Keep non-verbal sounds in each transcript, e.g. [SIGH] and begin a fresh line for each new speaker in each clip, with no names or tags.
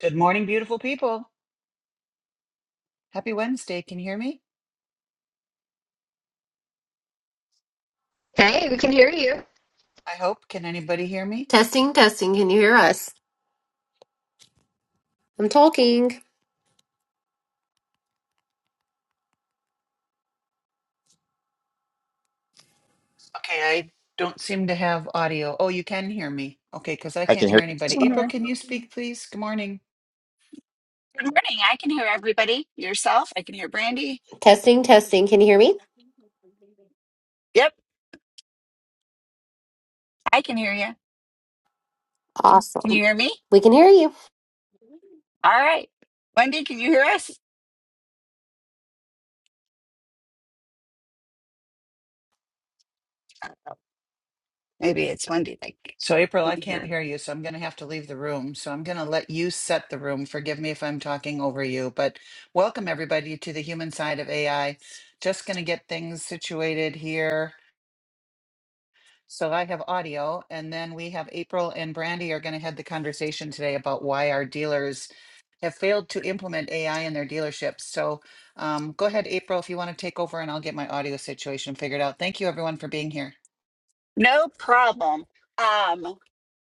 Good morning, beautiful people. Happy Wednesday. Can you hear me?
Hey, we can hear you.
I hope. Can anybody hear me?
Testing, testing. Can you hear us? I'm talking.
Okay, I don't seem to have audio. Oh, you can hear me. Okay, because I
I can
can't
hear
hear
you
anybody.
just fine.
April,
Mhm.
can you speak, please? Good morning.
Good morning. I can hear everybody. Yourself, I can hear Brandy.
Testing, testing. Can you hear me?
Yep, I can hear you. Can
Awesome.
you hear me?
We can hear you.
All right. Wendy, can you hear us? Maybe it's Wendy. Like,
So, April, I
can't
can't
hear.
hear you, so I'm going to have to leave the room. So, I'm going to let you set the room. Forgive me if I'm talking over you, but welcome everybody to the human side of AI. Just going to get things situated here. So I have audio, and then we have April and Brandy are going to head the conversation today about why our dealers have failed to implement AI in their dealerships. So um, go ahead, April, if you want to take over and I'll get my audio situation figured out. Thank you, everyone, for being here.
No problem. Um,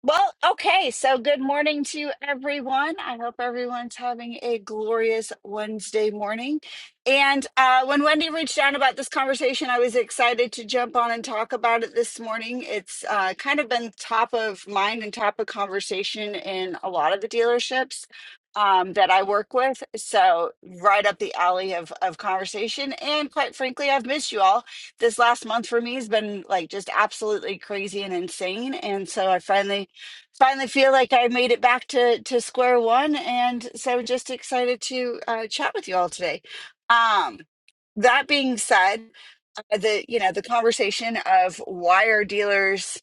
Well, okay. So, good morning to everyone. I hope everyone's having a glorious Wednesday morning. And uh, when Wendy reached out about this conversation, I was excited to jump on and talk about it this morning. It's uh, kind of been top of mind and top of conversation in a lot of the dealerships um, that I work with. So, right up the alley of, of conversation. And quite frankly, I've missed you all this last month for me has been like just absolutely crazy and insane. And so I finally finally feel like I made it back to to square one, and so just excited to uh, chat with you all today. Um, that being said, uh, the you know the conversation of why are dealers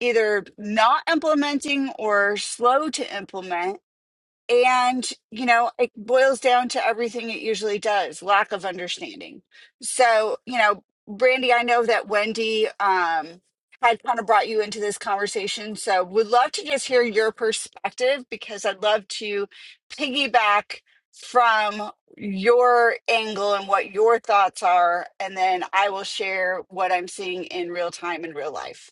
either not implementing or slow to implement and, you know, it boils down to everything it usually does lack of understanding. So, you know, Brandy, I know that Wendy um, had kind of brought you into this conversation. So, would love to just hear your perspective because I'd love to piggyback from your angle and what your thoughts are. And then I will share what I'm seeing in real time in real life.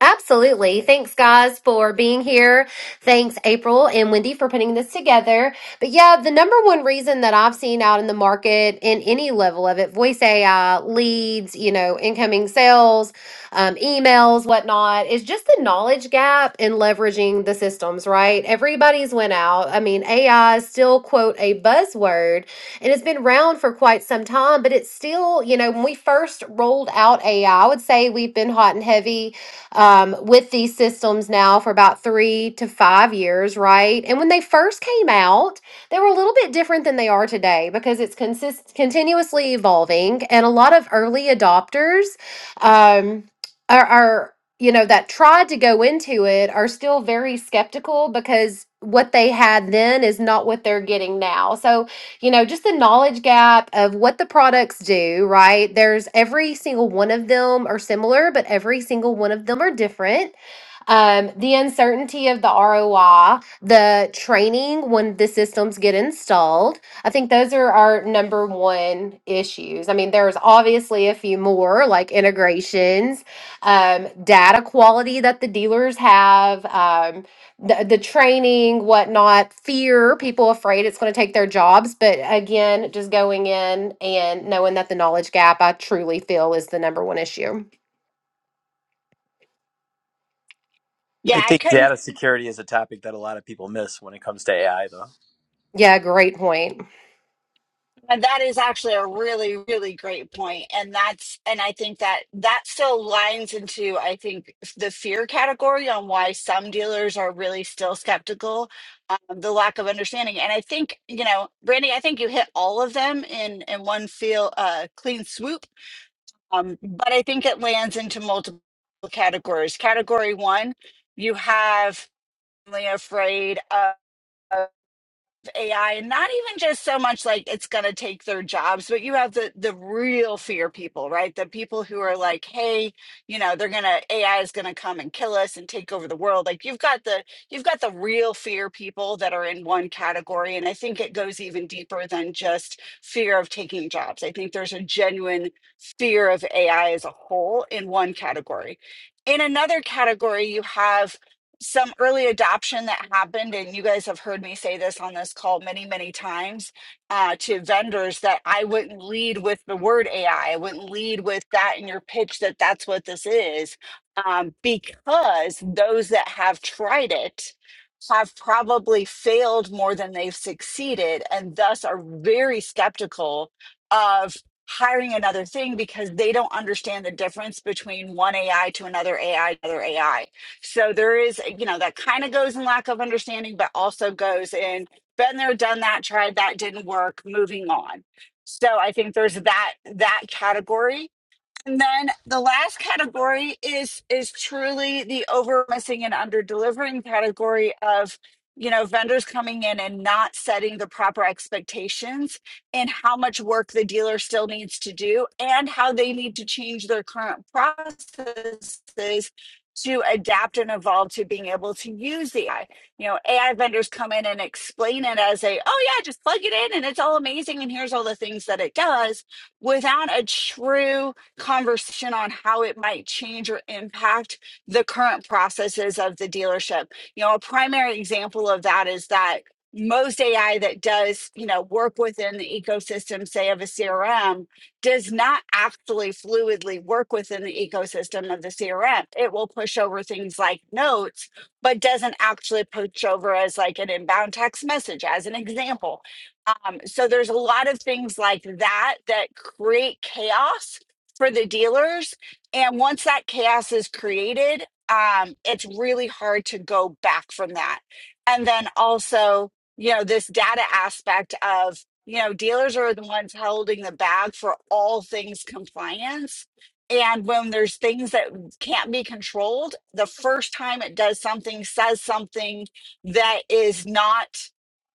Absolutely. Thanks, guys, for being here. Thanks, April and Wendy, for putting this together. But yeah, the number one reason that I've seen out in the market in any level of it voice AI, leads, you know, incoming sales, um, emails, whatnot is just the knowledge gap in leveraging the systems, right? Everybody's went out. I mean, AI is still, quote, a buzzword and it's been around for quite some time, but it's still, you know, when we first rolled out AI, I I would say we've been hot and heavy um, with these systems now for about three to five years, right? And when they first came out, they were a little bit different than they are today because it's consist- continuously evolving, and a lot of early adopters um, are, are you know that tried to go into it are still very skeptical because what they had then is not what they're getting now. So you know, just the knowledge gap of what the products do, right? There's every single one of them are similar, but every single one of them are different um, the uncertainty of the ROI, the training when the systems get installed. I think those are our number one issues. I mean, there's obviously a few more like integrations, um, data quality that the dealers have, um, the, the training, whatnot, fear, people afraid it's going to take their jobs. But again, just going in and knowing that the knowledge gap, I truly feel is the number one issue.
I
Yeah, I
think
couldn't
data security is a topic that a lot of people miss when it comes to AI, though.
Yeah, great point.
And that is actually a really, really great point. And that's, and I think that that still lines into, I think, the fear category on why some dealers are really still skeptical, um, the lack of understanding. And I think, you know, Brandy, I think you hit all of them in in one feel uh, clean swoop. Um, but I think it lands into multiple categories. Category one, you have really afraid of. AI and not even just so much like it's going to take their jobs, but you have the the real fear people, right? The people who are like, hey, you know, they're going to AI is going to come and kill us and take over the world. Like you've got the you've got the real fear people that are in one category and I think it goes even deeper than just fear of taking jobs. I think there's a genuine fear of AI as a whole in one category. In another category, you have some early adoption that happened, and you guys have heard me say this on this call many, many times uh, to vendors that I wouldn't lead with the word AI. I I wouldn't lead with that in your pitch that that's what this is, um, because those that have tried it have probably failed more than they've succeeded, and thus are very skeptical of hiring another thing because they don't understand the difference between one AI to another AI, to another AI so there is, you know, that kind of goes in lack of understanding, but also goes in been there, done that, tried that, didn't work, moving on. So I think there's that that category and then the last category is is truly the over missing and under delivering category of you know vendors coming in and not setting the proper expectations and how much work the dealer still needs to do and how they need to change their current processes to adapt and evolve to being able to use the AI. You know, AI vendors come in and explain it as a, oh yeah, just plug it in and it's all amazing and here's all the things that it does without a true conversation on how it might change or impact the current processes of the dealership. You know, a primary example of that is that most AI that does, you know, work within the ecosystem, say of a CRM, does not actually fluidly work within the ecosystem of the CRM. It will push over things like notes, but doesn't actually push over as like an inbound text message, as an example. Um, so there's a lot of things like that that create chaos for the dealers. And once that chaos is created, um, it's really hard to go back from that. And then also, you know, this data aspect of, you know, dealers are the ones holding the bag for all things compliance. And when there's things that can't be controlled, the first time it does something, says something that is not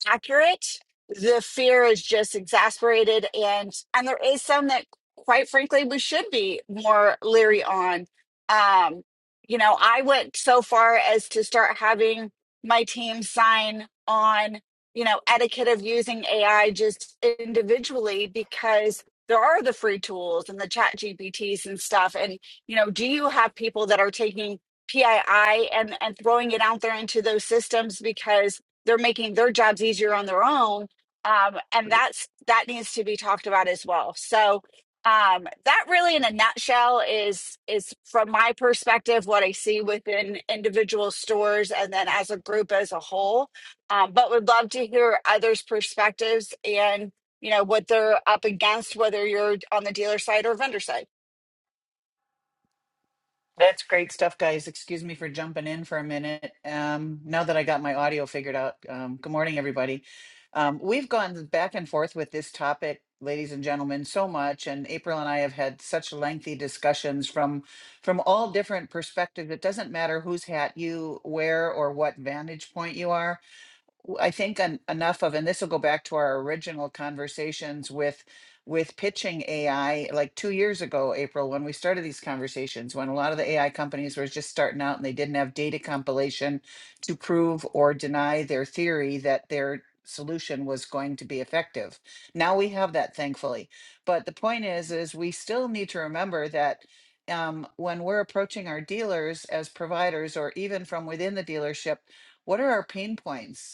accurate. The fear is just exasperated, and and there is some that, quite frankly, we should be more leery on. Um, you know, I went so far as to start having my team sign on, you know, etiquette of using AI just individually because there are the free tools and the chat GPTs and stuff. And, you know, do you have people that are taking PII and, and throwing it out there into those systems? Because they're making their jobs easier on their own um, and that's that needs to be talked about as well
He
so
was also
um,
a member of the
that really in a
Society
nutshell is
of
is from my
Antiquarians.
perspective what i see within individual stores and then as a group as a whole um, but would love to hear others perspectives and you know what they're up against whether you're on the dealer side or vendor side
That's great stuff, guys. Excuse me for jumping in for a minute. Um, now that I got my audio figured out, um, good morning, everybody. Um, we've gone back and forth with this topic, ladies and gentlemen, so much, and April and I have had such lengthy discussions from from all different perspectives. It doesn't matter whose hat you wear or what vantage point you are w- I think en- enough of, and this will go back to our original conversations with with pitching AI like two years ago, April, when we started these conversations, when a lot of the AI companies were just starting out and they didn't have data compilation to prove or deny their theory that their solution was going to be effective. Now we have that, thankfully. But the point is, is we still need to remember that um, when we're approaching our dealers as providers or even from within the dealership, what are our pain points?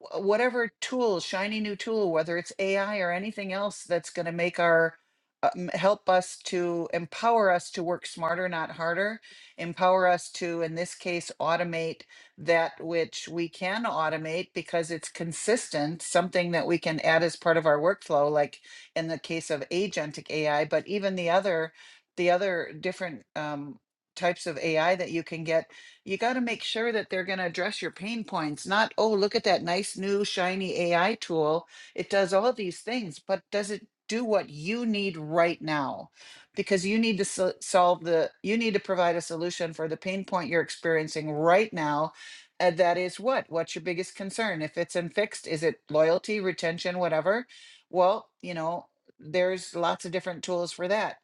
wh- whatever tool, shiny new tool, whether it's AI or anything else that's going to make our uh, m- help us to empower us to work smarter, not harder, empower us to, in this case, automate that which we can automate because it's consistent, something that we can add as part of our workflow, like in the case of agentic AI, but even the other, the other different um, types of AI that you can get you got to make sure that they're going to address your pain points, not, oh, look at that nice new shiny AI tool. It does all these things, but does it do what you need right now? Because you need to so- solve the, you need to provide a solution for the pain point you're experiencing right now. And that is what? What's your biggest concern? If it's in fixed, is it loyalty, retention, whatever? Well, you know, there's lots of different tools for that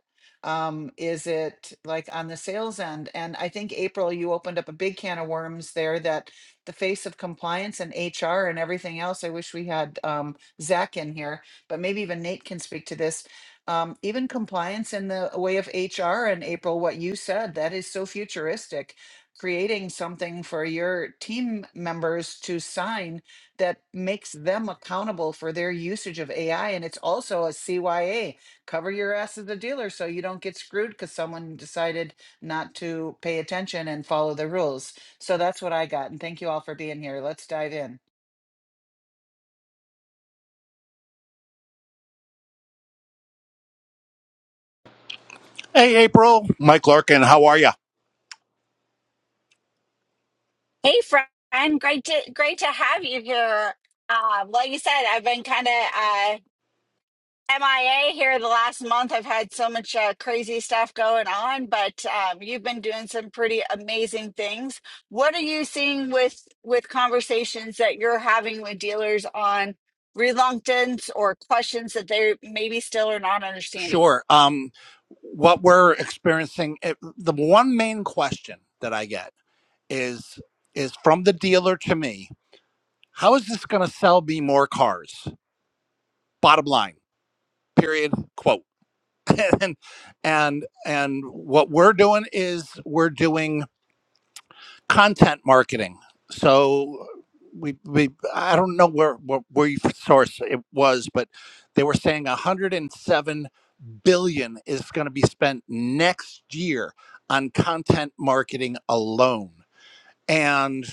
um, is it like on the sales end? And I think April, you opened up a big can of worms there that the face of compliance and HR and everything else. I wish we had um, Zach in here, but maybe even Nate can speak to this. Um, even compliance in the way of HR and April, what you said, that is so futuristic. Creating something for your team members to sign that makes them accountable for their usage of AI. And it's also a CYA cover your ass as a dealer so you don't get screwed because someone decided not to pay attention and follow the rules. So that's what I got. And thank you all for being here. Let's dive in.
Hey, April. Mike Larkin, how are you?
hey friend great to great to have you here um, like you said i've been kind of uh, MIA here the last month. I've had so much uh, crazy stuff going on, but um, you've been doing some pretty amazing things. What are you seeing with with conversations that you're having with dealers on reluctance or questions that they maybe still are not understanding?
Sure. Um, what we're experiencing, it, the one main question that I get is is from the dealer to me, how is this going to sell me more cars? Bottom line, period, quote. [LAUGHS] and and and what we're doing is we're doing content marketing. So we, we I don't know where where, where you source it was, but they were saying 107 billion is going to be spent next year on content marketing alone. And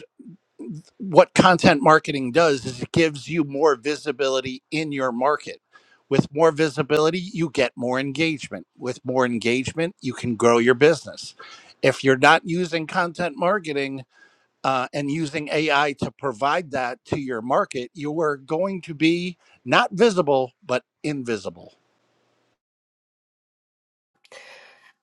what content marketing does is it gives you more visibility in your market. With more visibility, you get more engagement. With more engagement, you can grow your business. If you're not using content marketing, uh, and using AI to provide that to your market, you are going to be not visible, but invisible.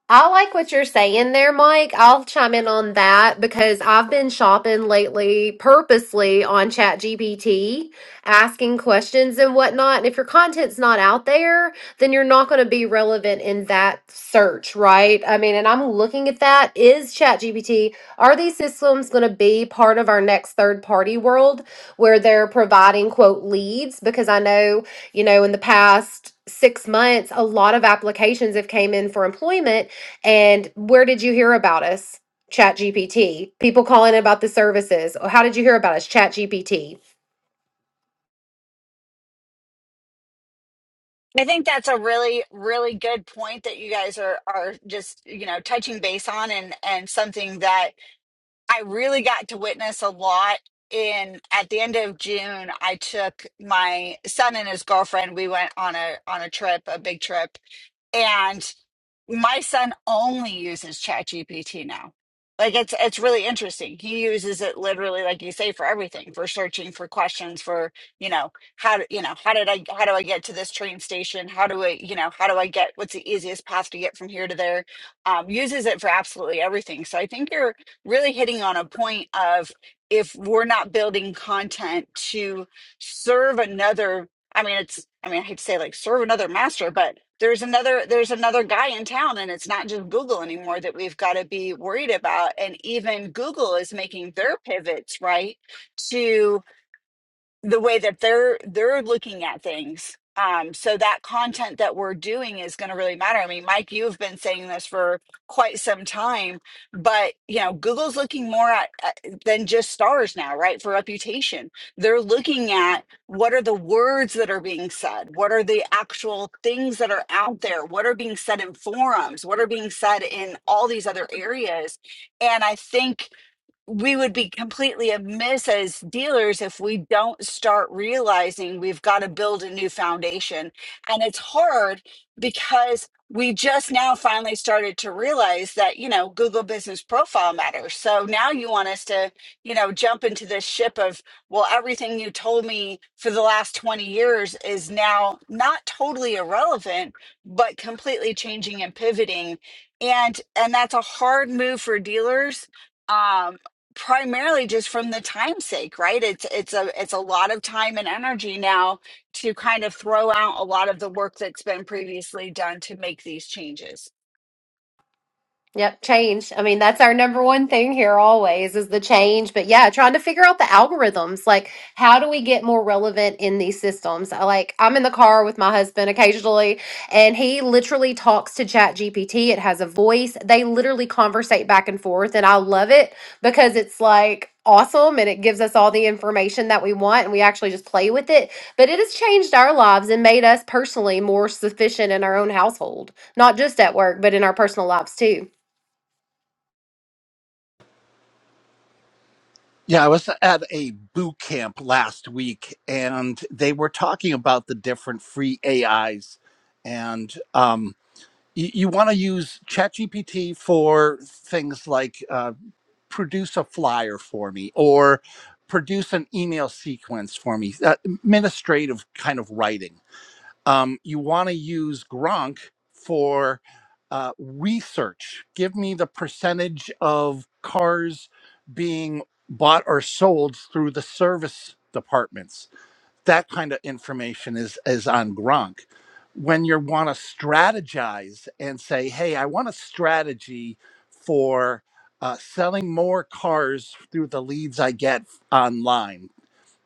I like what you're saying there, Mike. I'll chime in on that because I've been shopping lately purposely on ChatGPT, asking questions and whatnot. And if your content's not out there, then you're not going to be relevant in that search, right? I mean, and I'm looking at that. Is ChatGPT, are these systems going to be part of our next third party world where they're providing, quote, leads? Because I know you know in the past six months a lot of applications have came in for employment and where did you hear about us? Chat GPT. People calling about the services. How did you hear about us? Chat GPT.
I think that's a really, really good point that you guys are are just you know touching base on, and and something that I really got to witness a lot in at the end of June I took my son and his girlfriend we went on a on a trip a big trip and my son only uses ChatGPT now. Like it's it's really interesting. He uses it literally, like you say, for everything, for searching, for questions, for you know how do, you know how did I how do I get to this train station? How do I you know how do I get what's the easiest path to get from here to there? Um, uses it for absolutely everything. So I think you're really hitting on a point of if we're not building content to serve another. I mean, it's I mean I hate to say like serve another master, but there's another there's another guy in town and it's not just google anymore that we've got to be worried about and even google is making their pivots right to the way that they're they're looking at things um so that content that we're doing is going to really matter i mean mike you've been saying this for quite some time but you know google's looking more at uh, than just stars now right for reputation they're looking at what are the words that are being said what are the actual things that are out there what are being said in forums what are being said in all these other areas and i think we would be completely amiss as dealers if we don't start realizing we've got to build a new foundation. And it's hard because we just now finally started to realize that, you know, Google business profile matters. So now you want us to, you know, jump into this ship of, well, everything you told me for the last 20 years is now not totally irrelevant, but completely changing and pivoting. And and that's a hard move for dealers um, primarily just from the time sake right it's it's a it's a lot of time and energy now to kind of throw out a lot of the work that's been previously done to make these changes
Yep, change. I mean, that's our number one thing here always is the change. But yeah, trying to figure out the algorithms. Like, how do we get more relevant in these systems? I like I'm in the car with my husband occasionally, and he literally talks to Chat GPT. It has a voice. They literally conversate back and forth, and I love it because it's like awesome and it gives us all the information that we want and we actually just play with it. But it has changed our lives and made us personally more sufficient in our own household, not just at work, but in our personal lives too.
Yeah, I was at a boot camp last week and they were talking about the different free AIs. And um, you, you want to use ChatGPT for things like uh, produce a flyer for me or produce an email sequence for me, uh, administrative kind of writing um, you want to use Gronk for uh, research. Give me the percentage of cars being bought or sold through the service departments. That kind of information is is on Gronk. When you want to strategize and say, "Hey, I want a strategy for." Uh, selling more cars through the leads I get online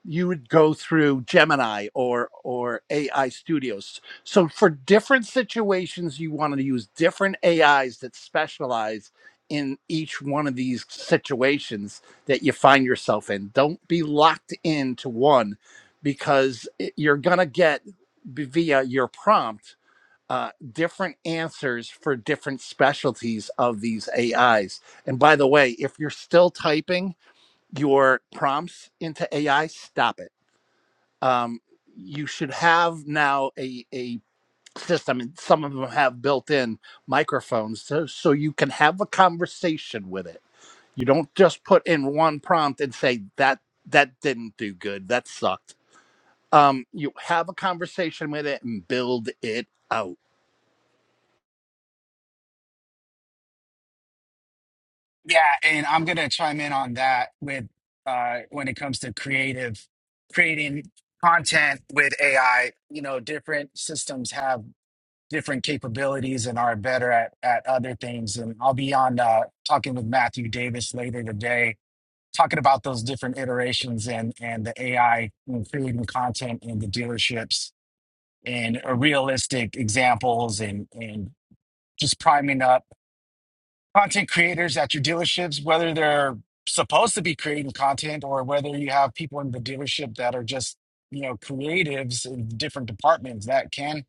you would go through Gemini or or AI Studios. So for different situations, you want to use different AIs that specialize in each one of these situations that you find yourself in. Don't be locked into one because it- you're gonna get b- via your prompt uh, different answers for different specialties of these AIs. And by the way, if you're still typing your prompts into AI, stop it um, you should have now a, a system, and some of them have built in microphones so, so you can have a conversation with it. You don't just put in one prompt and say that that didn't do good, that sucked. Um, you have a conversation with it and build it out
Yeah, and I'm gonna chime in on that with uh when it comes to creative creating content with AI. You know, different systems have different capabilities and are better at at other things. And I'll be on uh talking with Matthew Davis later today, talking about those different iterations and and the AI and creating content in the dealerships and uh, realistic examples and and just priming up content creators at your dealerships, whether they're supposed to be creating content or whether you have people in the dealership that are just, you know, creatives in different departments that can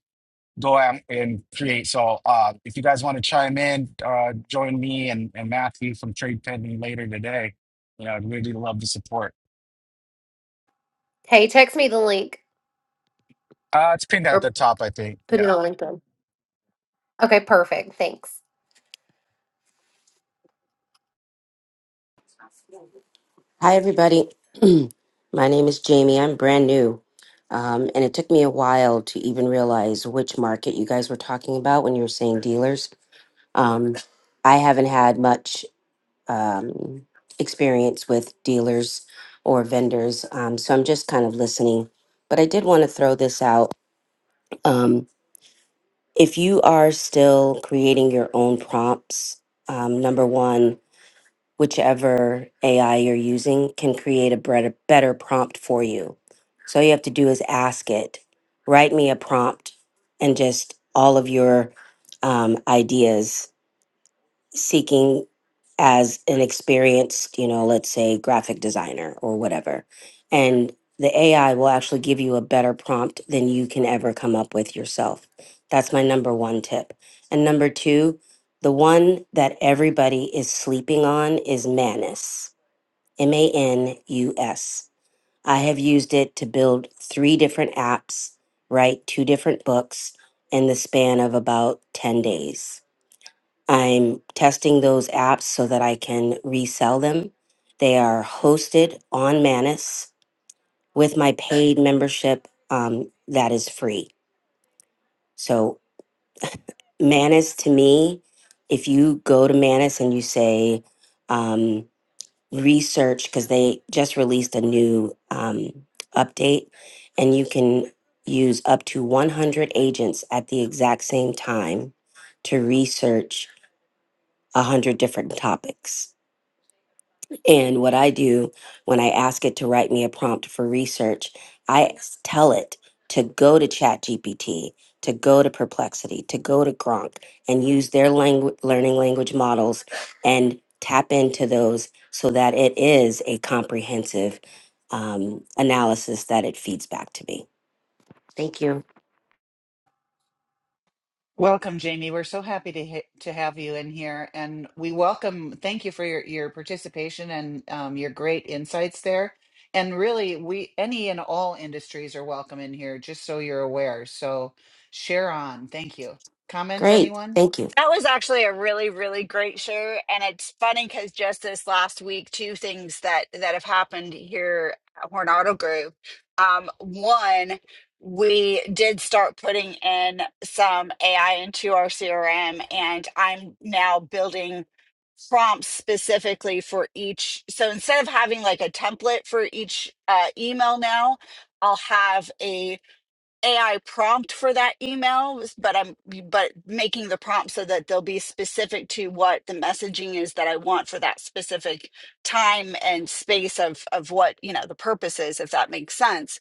go out and create. So uh, if you guys want to chime in, uh, join me and, and Matthew from Trade Pending later today. You know, I'd really love the support.
Hey, text me the link
Uh, it's pinned at the
or
top, I think.
put
Yeah.
it on LinkedIn. Okay, perfect. Thanks.
Hi, everybody. [CLEARS THROAT] My name is Jamie. I'm brand new. Um, and it took me a while to even realize which market you guys were talking about when you were saying dealers. Um, I haven't had much um, experience with dealers or vendors, um, so I'm just kind of listening. But I did want to throw this out. Um, if you are still creating your own prompts, um, number one, whichever AI you're using can create a better, better prompt for you. So all you have to do is ask it, write me a prompt, and just all of your um, ideas seeking as an experienced, you know, let's say graphic designer or whatever. And the AI will actually give you a better prompt than you can ever come up with yourself. That's my number one tip. And number two, the one that everybody is sleeping on is Manus, M A N U S. I have used it to build three different apps, write two different books in the span of about 10 days I'm testing those apps so that I can resell them. They are hosted on Manus with my paid membership um, that is free. So, Manus to me, if you go to Manus and you say um, research, because they just released a new um, update, and you can use up to 100 agents at the exact same time to research 100 different topics. And what I do when I ask it to write me a prompt for research, I s- tell it to go to ChatGPT, to go to Perplexity, to go to Gronk and use their langu- learning language models and tap into those so that it is a comprehensive um, analysis that it feeds back to me. Thank you.
Welcome, Jamie. We're so happy to ha- to have you in here, and we welcome. Thank you for your your participation and um, your great insights there. And really, we any and all industries are welcome in here. Just so you're aware. So share on. Thank you. Comments,
Great.
anyone?
Thank you.
That was actually a really, really great show. And it's funny because just this last week, two things that that have happened here at Horn Auto Group. Um, one, we did start putting in some AI into our CRM, and I'm now building prompts specifically for each. So instead of having like a template for each uh, email now, I'll have a. AI prompt for that email, but I'm but making the prompt so that they'll be specific to what the messaging is that I want for that specific time and space of of what you know the purpose is, if that makes sense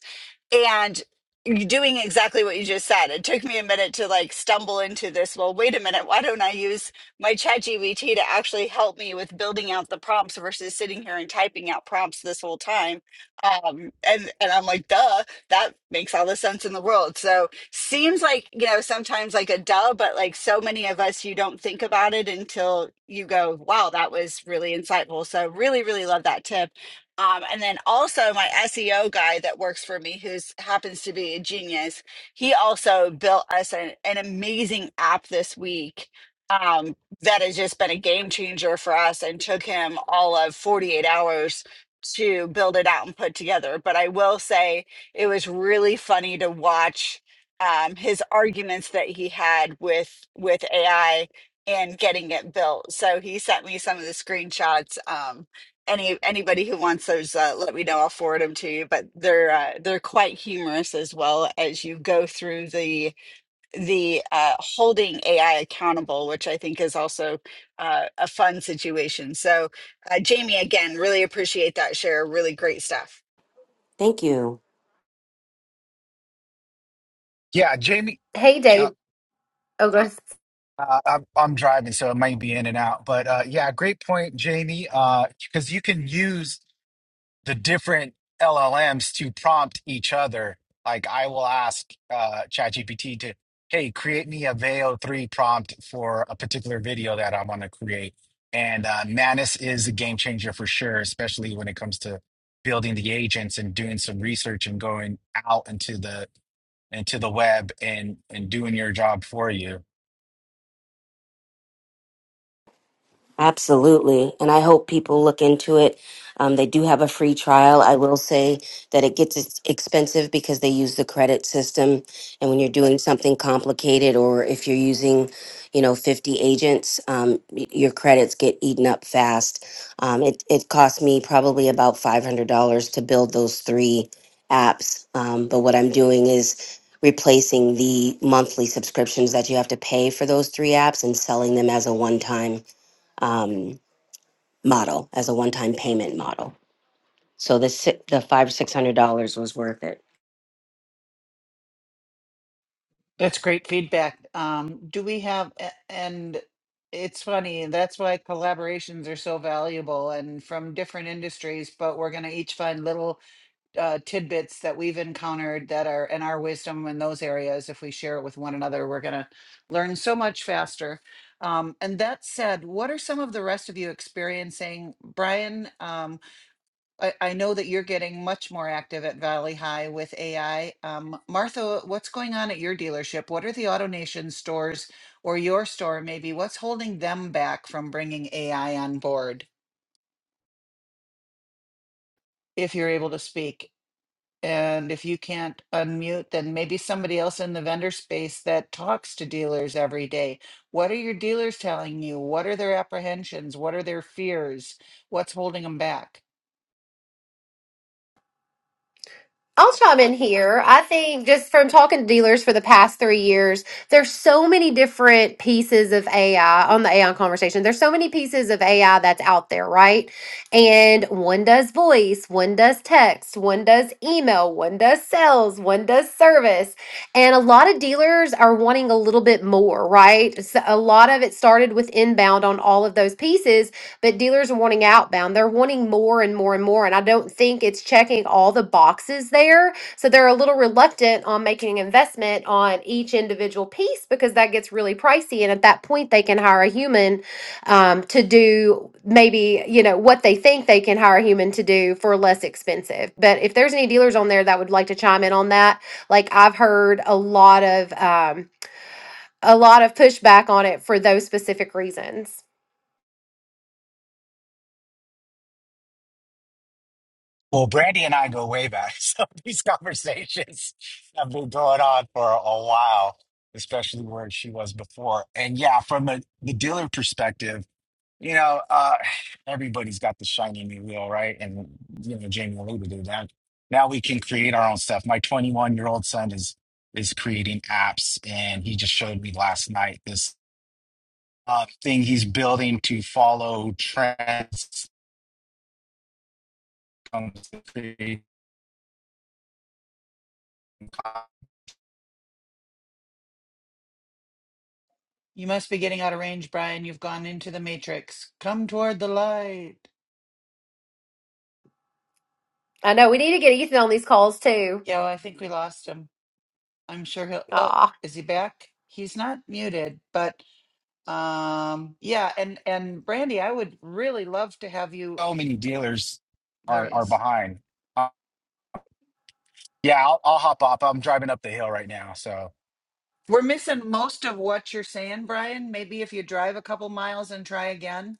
and you're doing exactly what you just said. It took me a minute to like stumble into this. Well, wait a minute. Why don't I use my chat GBT to actually help me with building out the prompts versus sitting here and typing out prompts this whole time? Um, and, and I'm like, duh, that makes all the sense in the world. So seems like, you know, sometimes like a duh, but like so many of us, you don't think about it until you go, wow, that was really insightful. So really, really love that tip um, and then also my SEO guy that works for me, who's happens to be a genius, he also built us an, an amazing app this week um, that has just been a game changer for us and took him all of 48 hours to build it out and put together. But I will say it was really funny to watch um, his arguments that he had with with AI and getting it built. So he sent me some of the screenshots. Um, any anybody who wants those uh, let me know i'll forward them to you but they're uh, they're quite humorous as well as you go through the the uh, holding ai accountable which i think is also uh, a fun situation so uh, jamie again really appreciate that share really great stuff
Thank you.
Yeah, Jamie.
Hey,
Uh,
Dave. Oh, go ahead.
uh, I'm, I'm driving, so it might be in and out. But uh, yeah, great point, Jamie. Because you can use the different LLMs to prompt each other. Like I will ask uh, ChatGPT to, hey, create me a VAO3 prompt for a particular video that I want to create. And uh, Manus is a game changer for sure, especially when it comes to building the agents and doing some research and going out into the into the web and and doing your job for you.
Absolutely. And I hope people look into it. Um, they do have a free trial. I will say that it gets ex- expensive because they use the credit system. And when you're doing something complicated or if you're using, you know, 50 agents, um, y- your credits get eaten up fast. Um, it, it cost me probably about $500 to build those three apps. Um, but what I'm doing is replacing the monthly subscriptions that you have to pay for those three apps and selling them as a one time um, model as a one-time payment model. So the si- the five six hundred dollars was worth it.
That's great feedback. Um, do we have, a- and it's funny, and that's why collaborations are so valuable and from different industries, but we're going to each find little uh, tidbits that we've encountered that are in our wisdom in those areas. If we share it with one another, we're going to learn so much faster. Um, and that said, what are some of the rest of you experiencing? Brian, um, I, I know that you're getting much more active at Valley High with AI. Um, Martha, what's going on at your dealership? What are the AutoNation stores or your store maybe? What's holding them back from bringing AI on board if you're able to speak? And if you can't unmute, then maybe somebody else in the vendor space that talks to dealers every day. What are your dealers telling you? What are their apprehensions? What are their fears? What's holding them back?
I'll chime in here. I think just from talking to dealers for the past three years, there's so many different pieces of AI on the AI conversation. There's so many pieces of AI that's out there, right? And one does voice, one does text, one does email, one does sales, one does service. And a lot of dealers are wanting a little bit more, right? So a lot of it started with inbound on all of those pieces but dealers are wanting outbound. They're wanting more and more and more. And I don't think it's checking all the boxes there. So they're a little reluctant on making an investment on each individual piece because that gets really pricey. And at that point, they can hire a human um, to do maybe, you know, what they think they can hire a human to do for less expensive. But if there's any dealers on there that would like to chime in on that, like I've heard a lot of, um, a lot of pushback on it for those specific reasons.
Well, Brandy and I go way back. [LAUGHS] So these conversations have been going on for a while, especially where she was before. And yeah, from a, the dealer perspective, you know, uh, [SIGHS] everybody's got the shiny new wheel, right? And, you know, Jamie alluded to that. Now we can create our own stuff. My 21 year old son is is creating apps, and he just showed me last night this uh, thing he's building to follow trends. Comes to create
You must be getting out of range, Brian. You've gone into the matrix. Come toward the light.
I know we need to get Ethan on these calls too.
Yeah, well, I think we lost him. I'm sure he'll. Oh,
Ah,
is he back? He's not muted, but um, yeah. And and Brandy, I would really love to have you.
so many dealers
There
are
he
are
is.
behind. Uh, yeah, I'll, I'll hop up. I'm driving up the hill right now, so
We're missing most of what you're saying, Brian. Maybe if you drive a couple miles and try again.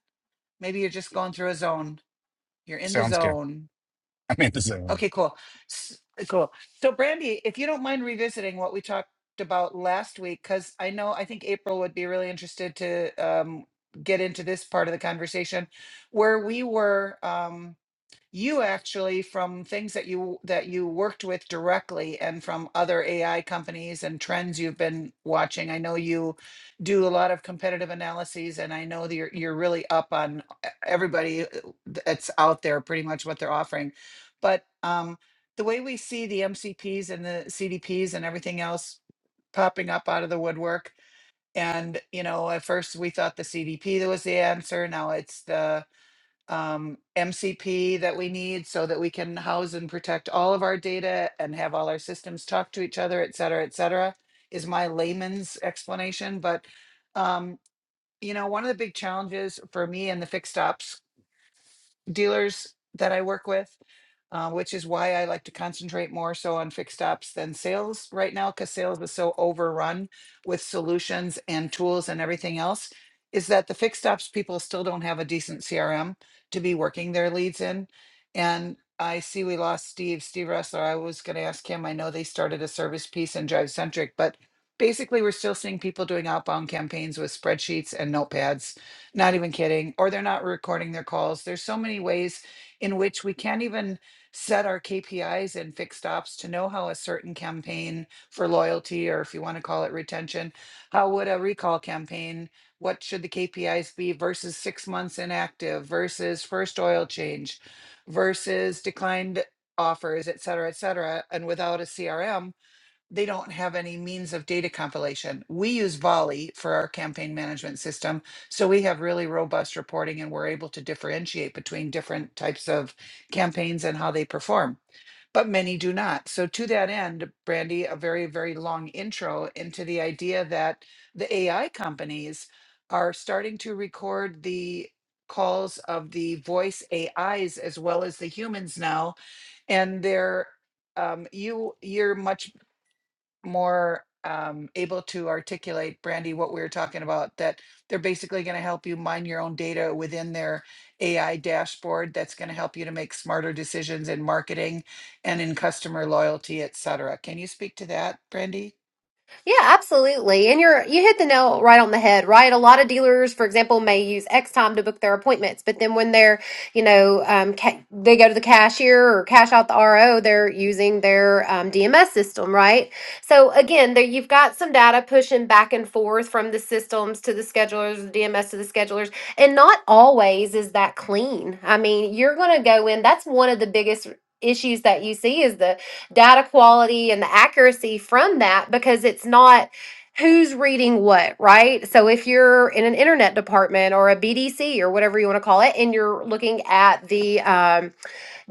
Maybe you're just going through a zone. You're in the
sounds good.
zone.
[LAUGHS] I'm in the zone.
Okay, cool. S- Cool. So Brandy, if you don't mind revisiting what we talked about last week, because I know, I think April would be really interested to um, get into this part of the conversation where we were. Um, you actually from things that you that you worked with directly and from other AI companies and trends you've been watching. I know you do a lot of competitive analyses and I know that you're you're really up on e- everybody uh, that's out there pretty much what they're offering. But um the way we see the MCPs and the CDPs and everything else popping up out of the woodwork and you know at first we thought the CDP that was the answer now it's the um, MCP that we need so that we can house and protect all of our data and have all our systems talk to each other, et cetera, et cetera, is my layman's explanation. But, um, you know, one of the big challenges for me in the fixed ops dealers that I work with, uh, which is why I like to concentrate more so on fixed ops than sales right now, because sales is so overrun with solutions and tools and everything else. Is that the fixed ops people still don't have a decent CRM to be working their leads in? And I see we lost Steve, Steve Ressler. I was going to ask him. I know they started a service piece in Drive Centric, but basically, we're still seeing people doing outbound campaigns with spreadsheets and notepads not even kidding. Or they're not recording their calls. There's so many ways in which we can't even set our KPIs and fixed ops to know how a certain campaign for loyalty, or if you want to call it retention, how would a recall campaign, what should the KPIs be versus six months inactive versus first oil change versus declined offers, et cetera, et cetera. And without a CRM, they don't have any means of data compilation. We use Volley for our campaign management system. So we have really robust reporting and we're able to differentiate between different types of campaigns and how they perform. But many do not. So, to that end, Brandy, a very, very long intro into the idea that the AI companies are starting to record the calls of the voice AIs as well as the humans now and they're um, you you're much more um, able to articulate, Brandy, what we were talking about, that they're basically going to help you mine your own data within their AI dashboard that's going to help you to make smarter decisions in marketing and in customer loyalty, et cetera. Can you speak to that, Brandy?
yeah, absolutely. And you're you hit the nail right on the head, right? A lot of dealers, for example, may use X time to book their appointments, but then when they're, you know, um, ca- they go to the cashier or cash out the RO, they're using their um, DMS system, right? So again, there you've got some data pushing back and forth from the systems to the schedulers, the DMS to the schedulers, and not always is that clean. I mean, you're going to go in. That's one of the biggest issues that you see is the data quality and the accuracy from that because it's not who's reading what, right? So if you're in an internet department or a BDC or whatever you want to call it, and you're looking at the um,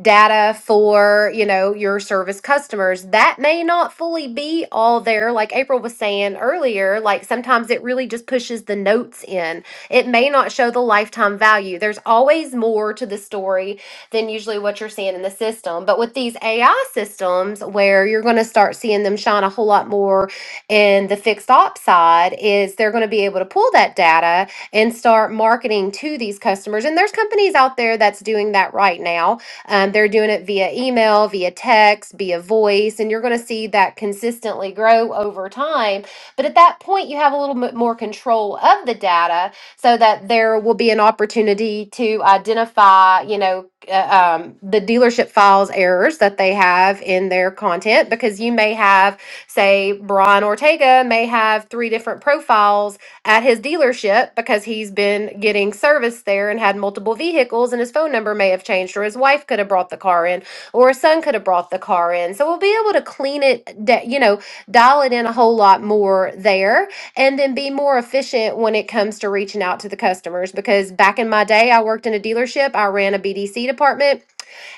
data for you know your service customers that may not fully be all there like april was saying earlier like sometimes it really just pushes the notes in it may not show the lifetime value there's always more to the story than usually what you're seeing in the system but with these ai systems where you're going to start seeing them shine a whole lot more in the fixed ops side is they're going to be able to pull that data and start marketing to these customers and there's companies out there that's doing that right now um, they're doing it via email, via text, via voice, and you're going to see that consistently grow over time. But at that point, you have a little bit more control of the data so that there will be an opportunity to identify, you know, uh, um, the dealership files errors that they have in their content because you may have, say, Brian Ortega may have three different profiles at his dealership because he's been getting service there and had multiple vehicles, and his phone number may have changed, or his wife could have brought the car in, or his son could have brought the car in. So we'll be able to clean it, da- you know, dial it in a whole lot more there, and then be more efficient when it comes to reaching out to the customers. Because back in my day, I worked in a dealership, I ran a BDC department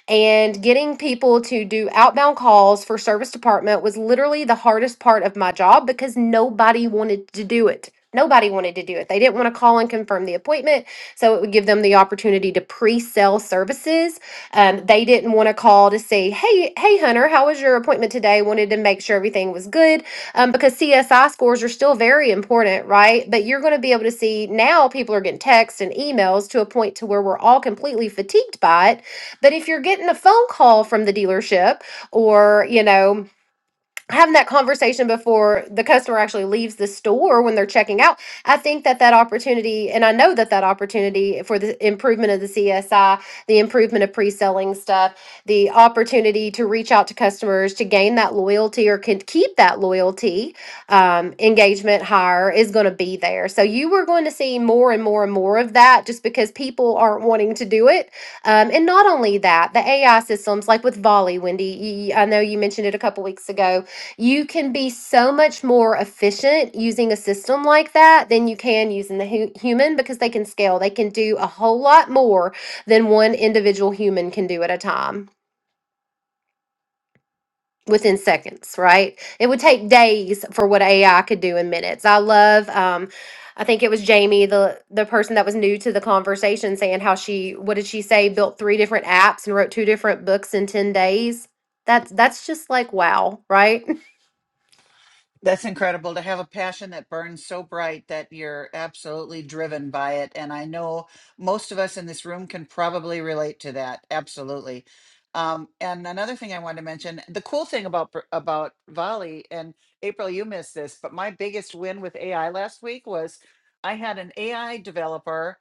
and getting people to do outbound calls for service department was literally the hardest part of my job because nobody wanted to do it. Nobody wanted to do it. They didn't want to call and confirm the appointment, so it would give them the opportunity to pre-sell services. Um, they didn't want to call to say, "Hey, hey, Hunter, how was your appointment today?" Wanted to make sure everything was good um, because CSI scores are still very important, right? But you're going to be able to see now people are getting texts and emails to a point to where we're all completely fatigued by it but if you're getting a phone call from the dealership or, you know, having that conversation before the customer actually leaves the store when they're checking out i think that that opportunity and i know that that opportunity for the improvement of the csi the improvement of pre-selling stuff the opportunity to reach out to customers to gain that loyalty or can keep that loyalty um, engagement higher is going to be there so you are going to see more and more and more of that just because people aren't wanting to do it um, and not only that the ai systems like with volley wendy you, i know you mentioned it a couple weeks ago you can be so much more efficient using a system like that than you can using the hu- human because they can scale. They can do a whole lot more than one individual human can do at a time within seconds, right? It would take days for what AI could do in minutes. I love um I think it was Jamie, the the person that was new to the conversation saying how she what did she say built three different apps and wrote two different books in 10 days. That's that's just like wow, right?
That's incredible to have a passion that burns so bright that you're absolutely driven by it. And I know most of us in this room can probably relate to that. Absolutely. Um, and another thing I wanted to mention, the cool thing about br- about Volley, and April, you missed this, but my biggest win with AI last week was I had an AI developer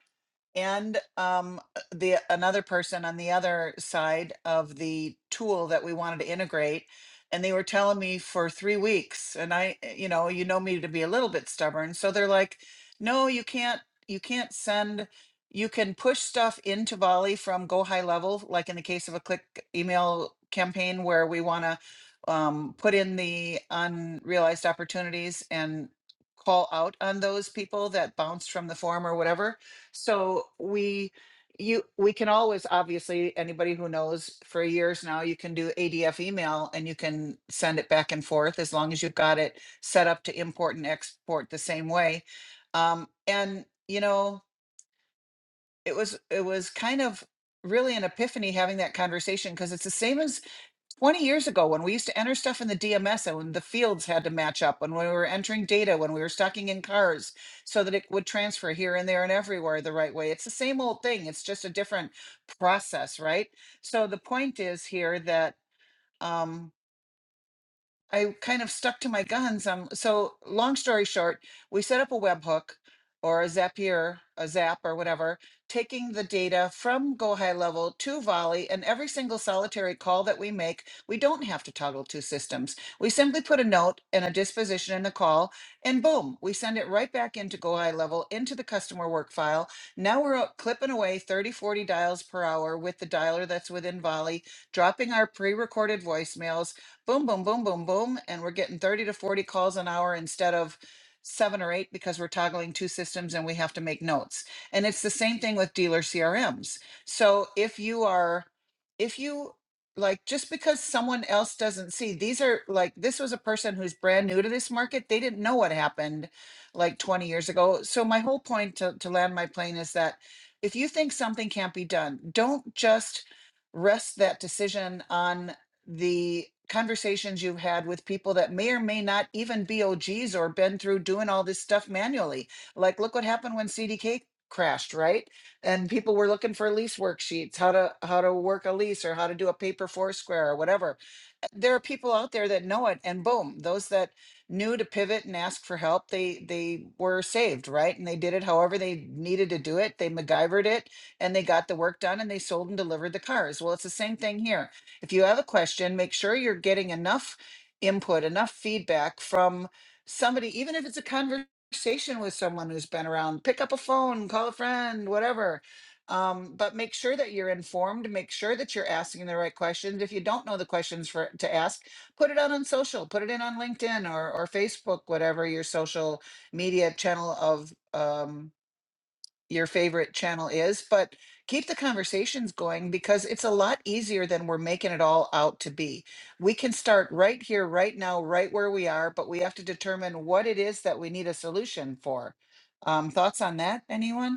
and um, the another person on the other side of the tool that we wanted to integrate and they were telling me for three weeks and i eh, you know you know me to be a little bit stubborn so they're like no you can't you can't send you can push stuff into volley from go high level like in the case of a click email campaign where we want to um, put in the unrealized opportunities and call out on those people that bounced from the form or whatever so we, you, we can always, obviously, anybody who knows for years now, you can do ADF email and you can send it back and forth as long as you've got it set up to import and export the same way. Um, and you know, it was, it was kind of really an epiphany having that conversation because it's the same as 20 years ago when we used to enter stuff in the DMS and when the fields had to match up when we were entering data when we were stocking in cars so that it would transfer here and there and everywhere the right way it's the same old thing it's just a different process right so the point is here that um I kind of stuck to my guns. Um, so long story short, we set up a webhook or a Zapier, a Zap or whatever, taking the data from Go High Level to Volley, and every single solitary call that we make, we don't have to toggle two systems. We simply put a note and a disposition in the call, and boom, we send it right back into Go High Level into the customer work file. Now we're out clipping away 30 40 dials per hour with the dialer that's within Volley, dropping our pre-recorded voicemails boom, boom, boom, boom, boom, and we're getting 30 to 40 calls an hour instead of seven or eight because we're toggling two systems and we have to make notes. And it's the same thing with dealer CRMs. So if you are, if you like, just because someone else doesn't see, these are like, this was a person who's brand new to this market. They didn't know what happened like 20 years ago. So my whole point to, to land my plane is that if you think something can't be done, don't just rest that decision on the conversations you've had with people that may or may not even be OGs or been through doing all this stuff manually. Like, look what happened when CDK crashed, right? And people were looking for lease worksheets, how to how to work a lease or how to do a paper Foursquare or whatever there are people out there that know it and boom those that knew to pivot and ask for help they they were saved right and they did it however they needed to do it they MacGyvered it and they got the work done and they sold and delivered the cars well it's the same thing here if you have a question make sure you're getting enough input enough feedback from somebody even if it's a conversation with someone who's been around pick up a phone call a friend whatever um, but make sure that you're informed. Make sure that you're asking the right questions. If you don't know the questions for to ask, put it out on social. Put it in on LinkedIn or or Facebook, whatever your social media channel of um, your favorite channel is. But keep the conversations going because it's a lot easier than we're making it all out to be. We can start right here, right now, right where we are. But we have to determine what it is that we need a solution for. Um, thoughts on that, anyone?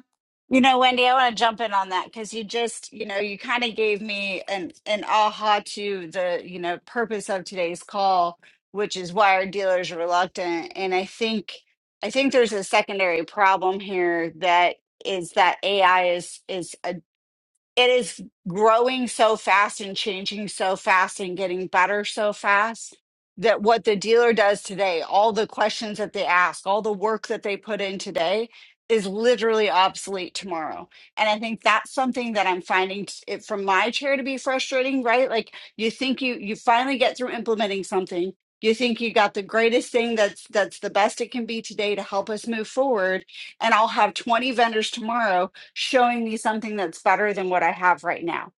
You know, Wendy, I want to jump in on that because you just, you know, you kind of gave me an an aha to the, you know, purpose of today's call, which is why our dealers are reluctant. And I think I think there's a secondary problem here that is that AI is is it is growing so fast and changing so fast and getting better so fast that what the dealer does today, all the questions that they ask, all the work that they put in today is literally obsolete tomorrow. And I think that's something that I'm finding t- it from my chair to be frustrating, right? Like you think you you finally get through implementing something, you think you got the greatest thing that's that's the best it can be today to help us move forward, and I'll have 20 vendors tomorrow showing me something that's better than what I have right now.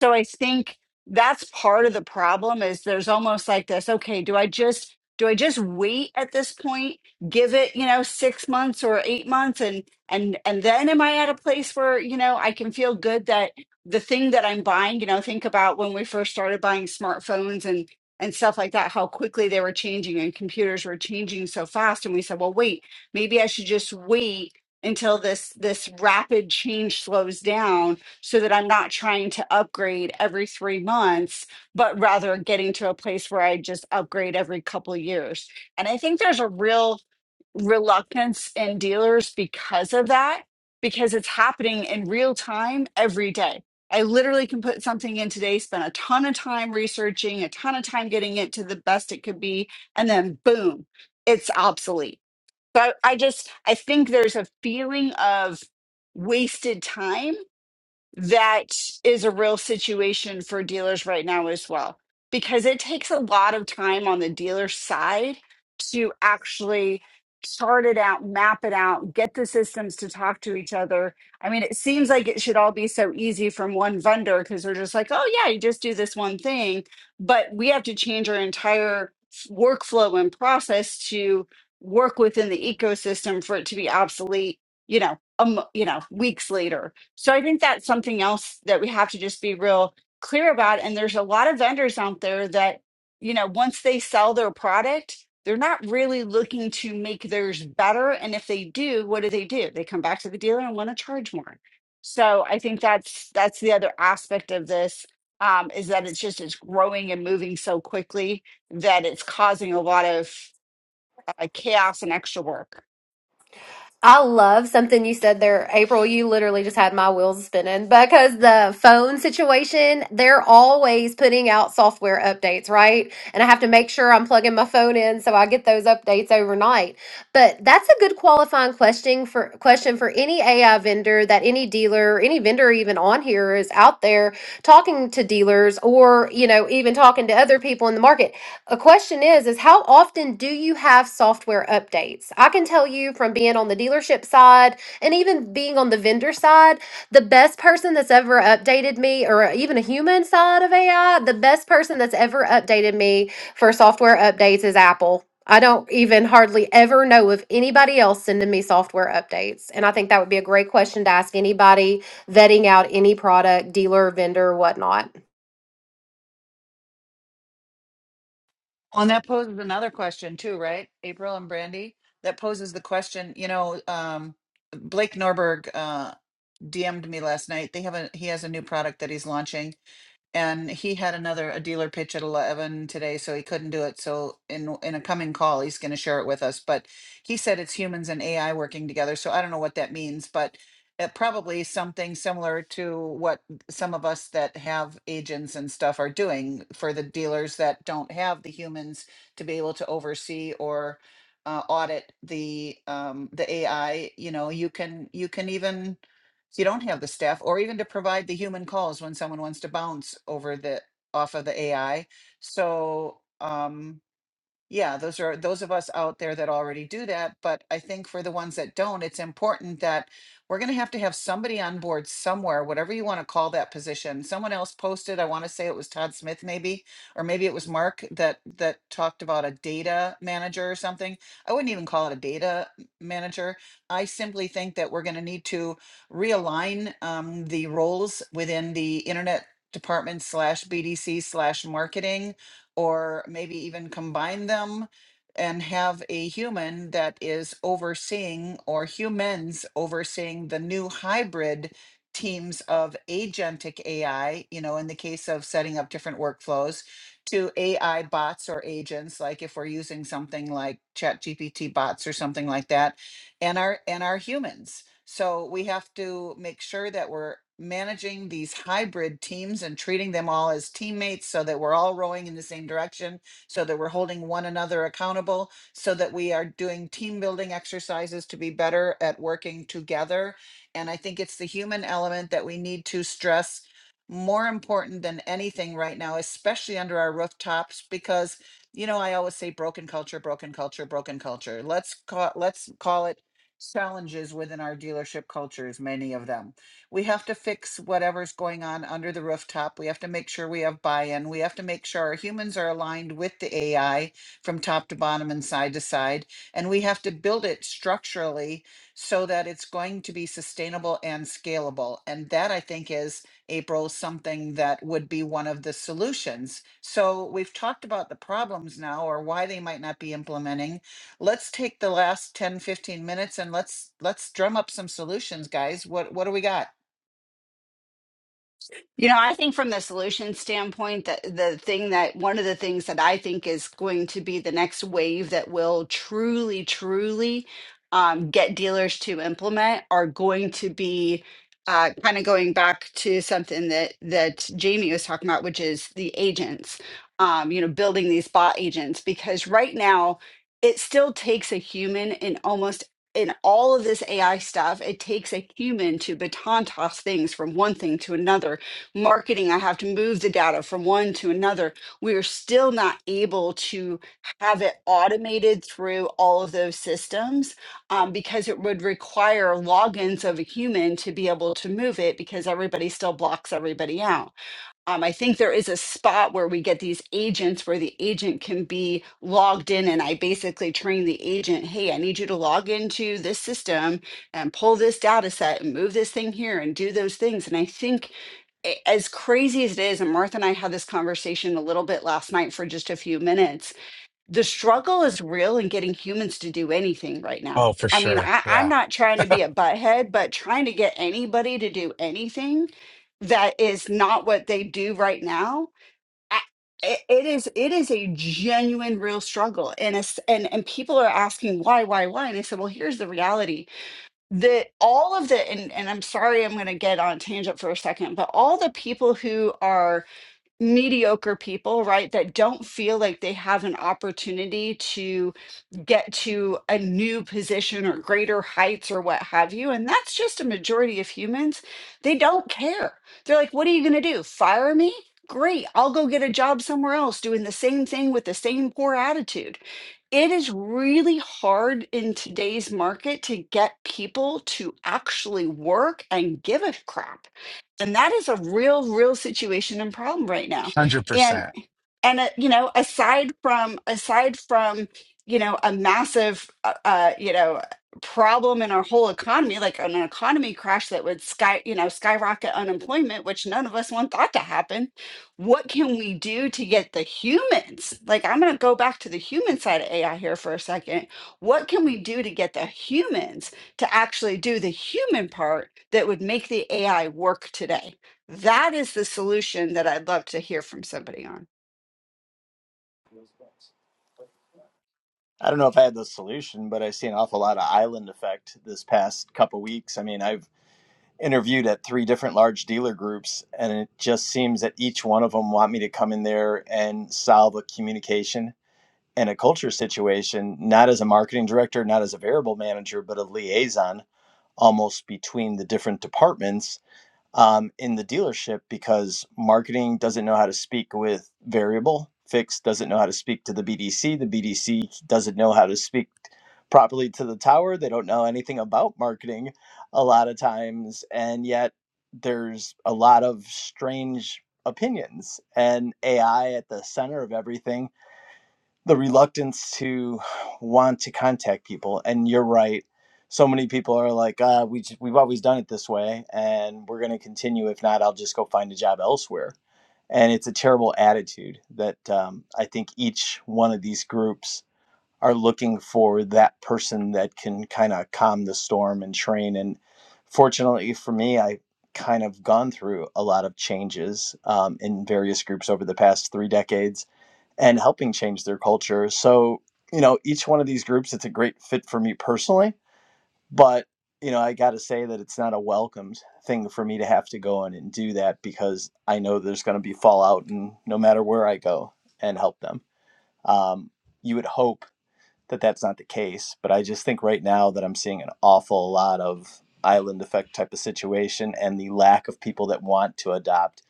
So I think that's part of the problem is there's almost like this, okay, do I just do I just wait at this point, give it, you know, 6 months or 8 months and and and then am I at a place where, you know, I can feel good that the thing that I'm buying, you know, think about when we first started buying smartphones and and stuff like that, how quickly they were changing and computers were changing so fast. And we said, well, wait, maybe I should just wait until this this rapid change slows down so that I'm not trying to upgrade every 3 months but rather getting to a place where I just upgrade every couple years. And I think there's a real reluctance in dealers because of that because it's happening in real time every day. I literally can put something in today, spend a ton of time researching, a ton of time getting it to the best it could be, and then boom, it's obsolete so I, I just I think there's a feeling of wasted time that is a real situation for dealers right now as well because it takes a lot of time on the dealer side to actually chart it out map it out get the systems to talk to each other i mean it seems like it should all be so easy from one vendor because they're just like oh yeah you just do this one thing but we have to change our entire workflow and process to work within the ecosystem for it to be obsolete you know um, you know weeks later so I think that's something else that we have to just be real clear about. And there's a lot of vendors out there that, you know, once they sell their product, they're not really looking to make theirs better. And if they do, what do they do? They come back to the dealer and want to charge more. So I think that's that's the other aspect of this um, is that it's just it's growing and moving so quickly that it's causing a lot of uh, chaos and extra work.
I love something you said there, April. You literally just had my wheels spinning because the phone situation, they're always putting out software updates, right? And I have to make sure I'm plugging my phone in so I get those updates overnight. But that's a good qualifying question for question for any AI vendor that any dealer, any vendor even on here is out there talking to dealers or, you know, even talking to other people in the market a question is is how often do you have software updates? I can tell you from being on the dealership side and even being on the vendor side, the best person that's ever updated me or even a human side of AI, the best person that's ever updated me for software updates is Apple. I don't even hardly ever know of anybody else sending me software updates. And I think that would be a great question to ask anybody vetting out any product, dealer, vendor, whatnot.
Well, and that poses another question too, right? April and Brandy, that poses the question, you know, um, Blake Norberg uh, DM'd me last night. They have a he has a new product that he's launching and he had another a dealer pitch at 11 today so he couldn't do it so in in a coming call he's going to share it with us but he said it's humans and ai working together so i don't know what that means but it probably is something similar to what some of us that have agents and stuff are doing for the dealers that don't have the humans to be able to oversee or uh, audit the um, the AI. You know, you can you can even so you don't have the staff or even to provide the human calls when someone wants to bounce over the, off of the AI. So, um, yeah, those are those of us out there that already do that. But I think for the ones that don't, it's important that we're going to have to have somebody on board somewhere, whatever you want to call that position. Someone else posted, I want to say it was Todd Smith, maybe, or maybe it was Mark that that talked about a data manager or something. I wouldn't even call it a data m- manager. I simply think that we're going to need to realign um, the roles within the internet department slash BDC slash marketing or maybe even combine them and have a human that is overseeing or humans overseeing the new hybrid teams of agentic AI, you know, in the case of setting up different workflows to AI bots or agents, like if we're using something like ChatGPT bots or something like that, and our and our humans. So we have to make sure that we're managing these hybrid teams and treating them all as teammates so that we're all rowing in the same direction, so that we're holding one another accountable, so that we are doing team building exercises to be better at working together. And I think it's the human element that we need to stress more important than anything right now, especially under our rooftops, because you know, I always say broken culture, broken culture, broken culture. Let's call let's call it challenges within our dealership cultures, many of them. We have to fix whatever's going on under the rooftop. We have to make sure we have buy in. We have to make sure our humans are aligned with the AI from top to bottom and side to side. And we have to build it structurally so that it's going to be sustainable and scalable. And that, I think, is April, something that would be one of the solutions. So we've talked about the problems now or why they might not be implementing let's take the last 10, 15 minutes and let's let's drum up some solutions, guys. What what do we got?
You know, I think from the solution standpoint, that the thing that one of the things that I think is going to be the next wave that will truly, truly um, get dealers to implement are going to be uh, kind of going back to something that that Jamie was talking about, which is the agents. Um, you know, building these bot agents because right now it still takes a human in almost in all of this AI stuff, it takes a human to baton toss things from one thing to another marketing, I have to move the data from one to another. We are still not able to have it automated through all of those systems um, because it would require logins of a human to be able to move it because everybody still blocks everybody out. Um, I think there is a spot where we get these agents where the agent can be logged in, and I basically train the agent, hey, I need you to log into this system and pull this data set and move this thing here and do those things. And I think a- as crazy as it is, and Martha and I had this conversation a little bit last night for just a few minutes, the struggle is real in getting humans to do anything right now.
Oh, for
I mean,
sure.
I, I'm
Yeah,
not trying to be a butthead, but trying to get anybody to do anything that is not what they do right now. I, it, it is it is a genuine real struggle and it's, and and people are asking why why why and i said well here's the reality that all of the and, and i'm sorry i'm going to get on tangent for a second but all the people who are mediocre people, right, that don't feel like they have an opportunity to get to a new position or greater heights or what have you. And that's just a majority of humans. They don't care. They're like, what are you going to do? Fire me? Great. I'll go get a job somewhere else doing the same thing with the same poor attitude. It is really hard in today's market to get people to actually work and give a crap and that is a real, real situation and problem right now.
hundred
And
percent.
and uh, you know aside from aside from you know a massive uh, uh you know problem in our whole economy like an economy crash that would sky you know skyrocket unemployment which none of us want that to happen what can we do to get the humans like i'm going to go back to the human side of ai here for a second what can we do to get the humans to actually do the human part that would make the ai work today that is the solution that i'd love to hear from somebody on
I don't know if I had the solution, but i see an awful lot of island effect this past couple weeks. I mean, I've interviewed at three different large dealer groups, and it just seems that each one of them want me to come in there and solve a communication and a culture situation, not as a marketing director, not as a variable manager, but a liaison almost between the different departments um, in the dealership because marketing doesn't know how to speak with variable. Fixed doesn't know how to speak to the BDC. The BDC doesn't know how to speak properly to the tower. They don't know anything about marketing a lot of times. And yet there's a lot of strange opinions and AI at the center of everything the reluctance to want to contact people and you're right so many people are like uh, we just, we've always done it this way and we're going to continue if not i'll just go find a job elsewhere and it's a terrible attitude that um, i think each one of these groups are looking for that person that can kind of calm the storm and train and fortunately for me i kind of gone through a lot of changes um, in various groups over the past three decades and helping change their culture. So, you know, each one of these groups, it's a great fit for me personally. But, you know, I got to say that it's not a welcomed thing for me to have to go in and do that because I know there's going to be fallout and no matter where I go and help them. Um, you would hope that that's not the case, but I just think right now that I'm seeing an awful lot of island effect type of situation and the lack of people that want to adopt.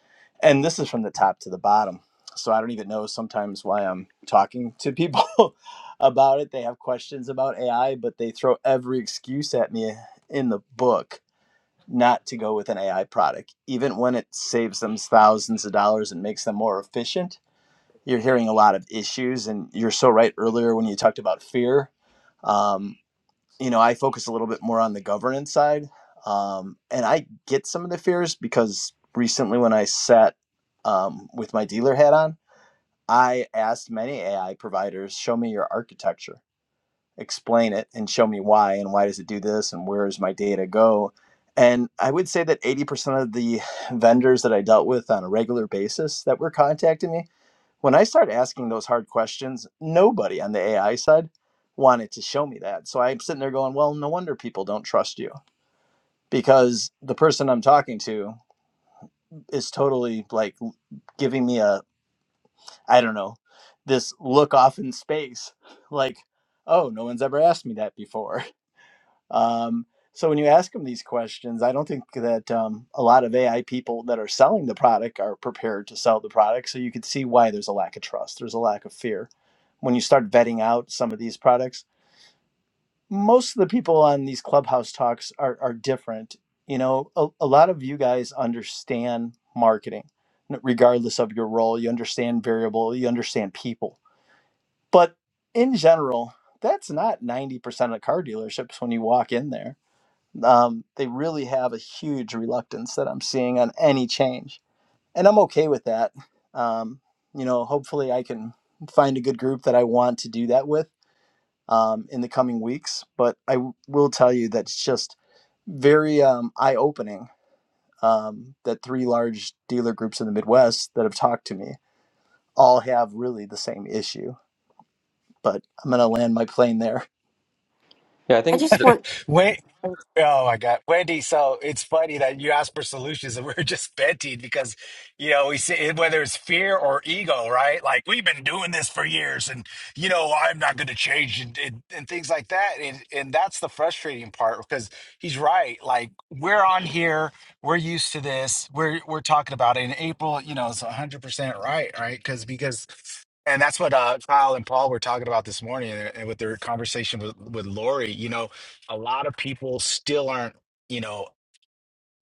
And this is from the top to the bottom. So I don't even know sometimes why I'm talking to people [LAUGHS] about it. They have questions about AI, but they throw every excuse at me in the book not to go with an AI product, even when it saves them thousands of dollars and makes them more efficient you're hearing a lot of issues and you're so right earlier when you talked about fear um, you know i focus a little bit more on the governance side um, and i get some of the fears because recently when i sat um, with my dealer hat on i asked many ai providers show me your architecture explain it and show me why and why does it do this and where does my data go and i would say that 80% of the vendors that i dealt with on a regular basis that were contacting me when I started asking those hard questions, nobody on the AI side wanted to show me that. So I'm sitting there going, well, no wonder people don't trust you because the person I'm talking to is totally like giving me a, I don't know, this look off in space. Like, oh, no one's ever asked me that before. Um, so when you ask them these questions, I don't think that um, a lot of AI people that are selling the product are prepared to sell the product. So you can see why there's a lack of trust, there's a lack of fear. When you start vetting out some of these products, most of the people on these clubhouse talks are, are different. You know, a, a lot of you guys understand marketing, n- regardless of your role. You understand variable, you understand people. But in general, that's not 90% of car dealerships when you walk in there um, they really have a huge reluctance that I'm seeing on any change. And I'm okay with that. Um, you know, hopefully I can find a good group that I want to do that with um, in the coming weeks. But I w- will tell you that it's just very um, eye opening um, that three large dealer groups in the Midwest that have talked to me all have really the same issue but I'm going to land my plane there.
Yeah, I
I
think,
just want,
When Oh my God, Wendy! So it's funny that you asked for solutions, and [LAUGHS] we we're just venting because, you know, we see whether it's fear or ego, right? Like we've been doing this for years, and you know, I'm not going to change, and, and and things like that. And and that's the frustrating part because he's right. Like we're on here, we're used to this. We're we're talking about it in April. You know, it's 100 percent right, right? Because because. And that's what uh, Kyle and Paul were talking about this morning, and and with their conversation with, with Lori. You know, a lot of people still aren't you know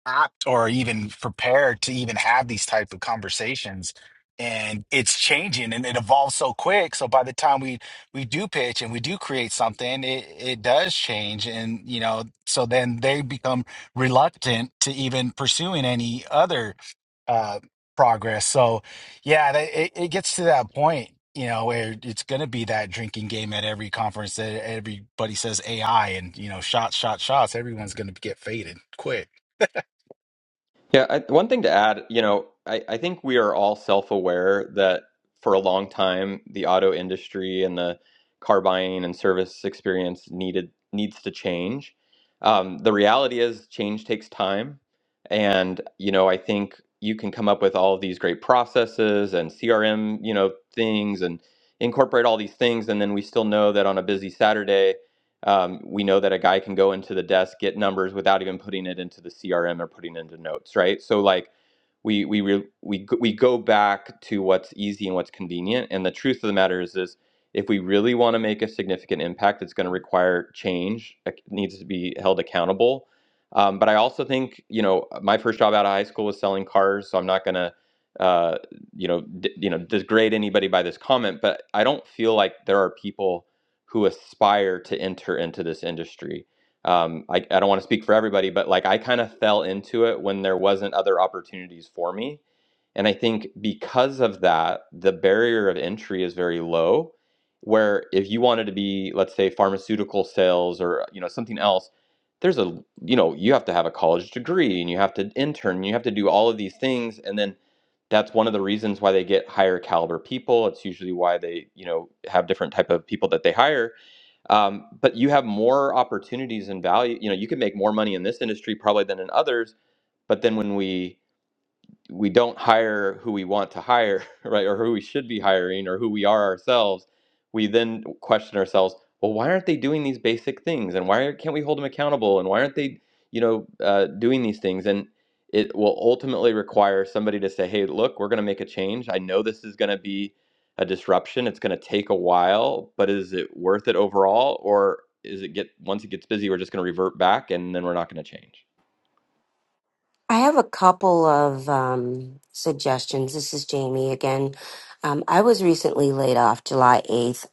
apt or even prepared to even have these type of conversations and it's changing and it evolves so quick so by the time we we do pitch and we do create something it it does change and you know so then they become reluctant to even pursuing any other uh progress so yeah that, it, it gets to that point you know where it's going to be that drinking game at every conference that everybody says ai and you know shots shots shots everyone's going to get faded quick
yeah, I, one thing to add, you know, I, I think we are all self-aware that for a long time, the auto industry and the car buying and service experience needed needs to change. Um, the reality is change takes time. And, you know, I think you can come up with all of these great processes and CRM, you know, things and incorporate all these things. And then we still know that on a busy Saturday, Um, we know that a guy can go into the desk, get numbers without even putting it into the CRM or putting it into notes, right? So like we we re, we g- we go back to what's easy and what's convenient. And the truth of the matter is this: if we really want to make a significant impact, it's going to require change. It needs to be held accountable. Um, but I also think you know my first job out of high school was selling cars, so I'm not going to uh, you know d- you know degrade anybody by this comment. But I don't feel like there are people who aspire to enter into this industry. Um, I, I don't want to speak for everybody, but like I kind of fell into it when there wasn't other opportunities for me. And I think because of that, the barrier of entry is very low. Where if you wanted to be, let's say, pharmaceutical sales or you know something else, there's a you know you have to have a college degree and you have to intern, and you have to do all of these things, and then that's one of the reasons why they get higher caliber people. It's usually why they you know have different type of people that they hire um, but you have more opportunities and value you know you can make more money in this industry probably than in others but then when we we don't hire who we want to hire, [LAUGHS] right, or who we should be hiring, or who we are ourselves, we then question ourselves, well, why aren't they doing these basic things, and why can't we hold them accountable, and why aren't they, you know, uh, doing these things? And it will ultimately require somebody to say, hey, look, we're going to make a change. I know this is going to be a disruption. It's going to take a while, but is it worth it overall, or is it get once it gets busy, we're just going to revert back, and then we're not going to change?
I have a couple of um, suggestions. This is Jamie again. Um, I was recently laid off July 8th.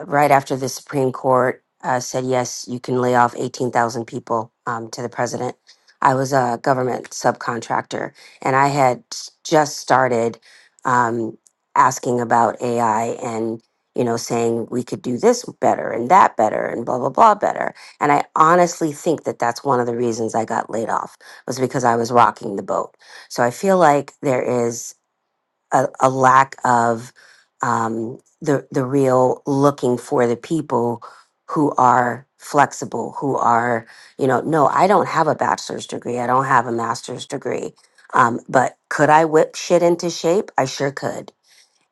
right after the Supreme Court uh, said yes, you can lay off eighteen thousand people um, to the president. I was a government subcontractor, and I had s- just started um, asking about AI and you know saying we could do this better and that better and blah blah blah better. And I honestly think that that's one of the reasons I got laid off was because I was rocking the boat. So I feel like there is a, a lack of um, the the real looking for the people who are flexible, who are you know, no, I don't have a bachelor's degree, I don't have a master's degree, um, but could I whip shit into shape? I sure could.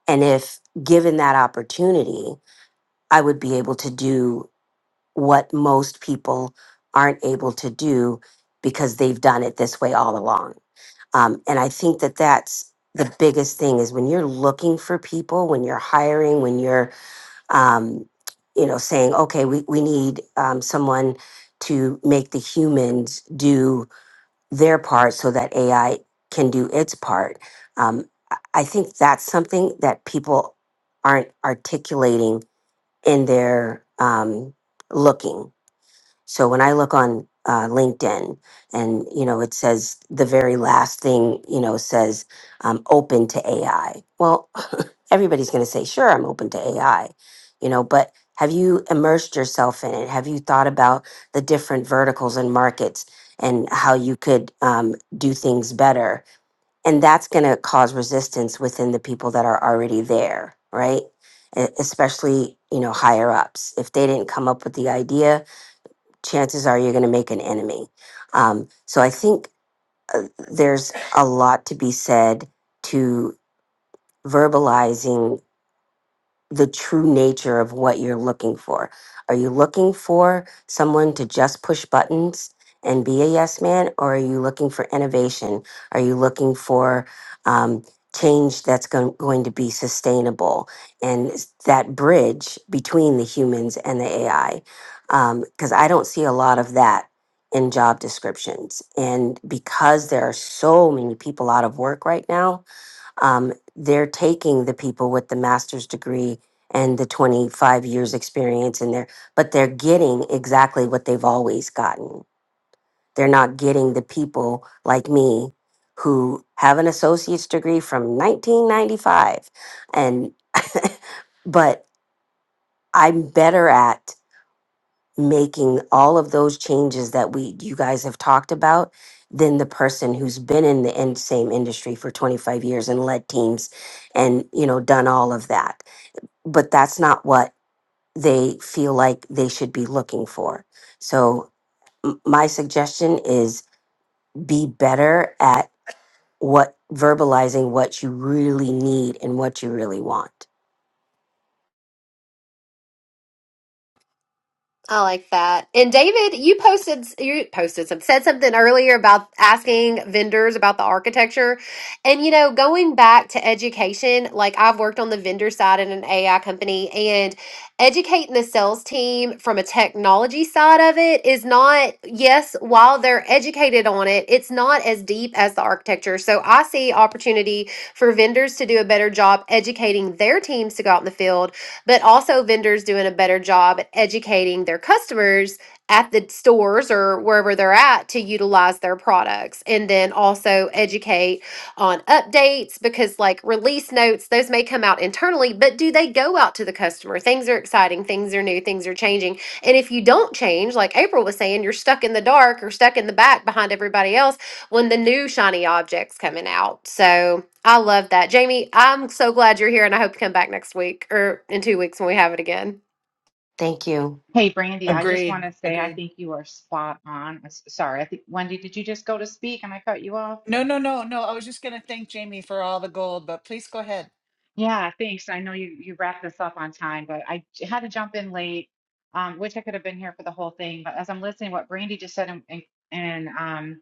And if given that opportunity, I would be able to do what most people aren't able to do because they've done it this way all along um, and I think that that's the biggest thing is when you're looking for people, when you're hiring, when you're, um, you know, saying, okay, we, we need um, someone to make the humans do their part so that AI can do its part. Um, I I think that's something that people aren't articulating in their um, looking. So when I look on uh, LinkedIn and, you know, it says the very last thing, you know, says um, open to AI. Well, [LAUGHS] everybody's going to say, sure, I'm open to AI, you know, but have you immersed yourself in it? Have you thought about the different verticals and markets and how you could um, do things better? And that's going to cause resistance within the people that are already there, right? E- Especially, you know, higher ups. If they didn't come up with the idea, chances are you're going to make an enemy. Um, so I think uh, there's a lot to be said to verbalizing the true nature of what you're looking for. Are you looking for someone to just push buttons and be a yes man, or are you looking for innovation? Are you looking for um, change that's going, going to be sustainable and s- that bridge between the humans and the AI? Because I don't see a lot of that in job descriptions. And because there are so many people out of work right now, um, they're taking the people with the master's degree and the 25 years experience in there but they're getting exactly what they've always gotten they're not getting the people like me who have an associate's degree from 1995 and [LAUGHS] but i'm better at making all of those changes that we you guys have talked about than the person who's been in the in, same industry for 25 years and led teams and you know done all of that but that's not what they feel like they should be looking for so m- my suggestion is be better at what verbalizing what you really need and what you really want
I like that. And David, you posted you posted some said something earlier about asking vendors about the architecture. And you know, going back to education, like I've worked on the vendor side in an AI company and educating the sales team from a technology side of it is not yes, while they're educated on it, it's not as deep as the architecture. So I see opportunity for vendors to do a better job educating their teams to go out in the field but also vendors doing a better job at educating their customers at the stores or wherever they're at to utilize their products and then also educate on updates because like release notes those may come out internally but do they go out to the customer things are exciting things are new things are changing and if you don't change like april was saying you're stuck in the dark or stuck in the back behind everybody else when the new shiny objects coming out so I love that. Jamie, I'm so glad you're here and I hope you come back next week or in two weeks when we have it again.
thank you
Hey, Brandy, I just want
Agreed.
to say I
Agreed.
think you are spot on. I'm s- Sorry, I think Wendy, did you just go to speak and I cut you off?
No, no, no, no. I was just gonna thank Jamie for all the gold, but please go ahead.
Yeah, thanks. I know you you wrapped this up on time, but I j- had to jump in late. Um, wish I could have been here for the whole thing, but as I'm listening, what Brandy just said and and,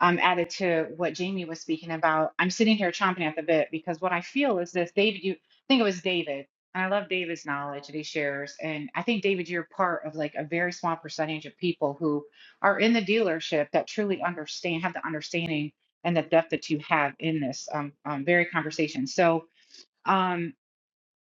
um, added to what Jamie was speaking about, I'm sitting here chomping at the bit because what I feel is this. David, you I think it was David, and I love David's knowledge that he shares. And I think David, you're part of like a very small percentage of people who are in the dealership that truly understand, have the understanding and the depth that you have in this um, um, very conversation. So. Um,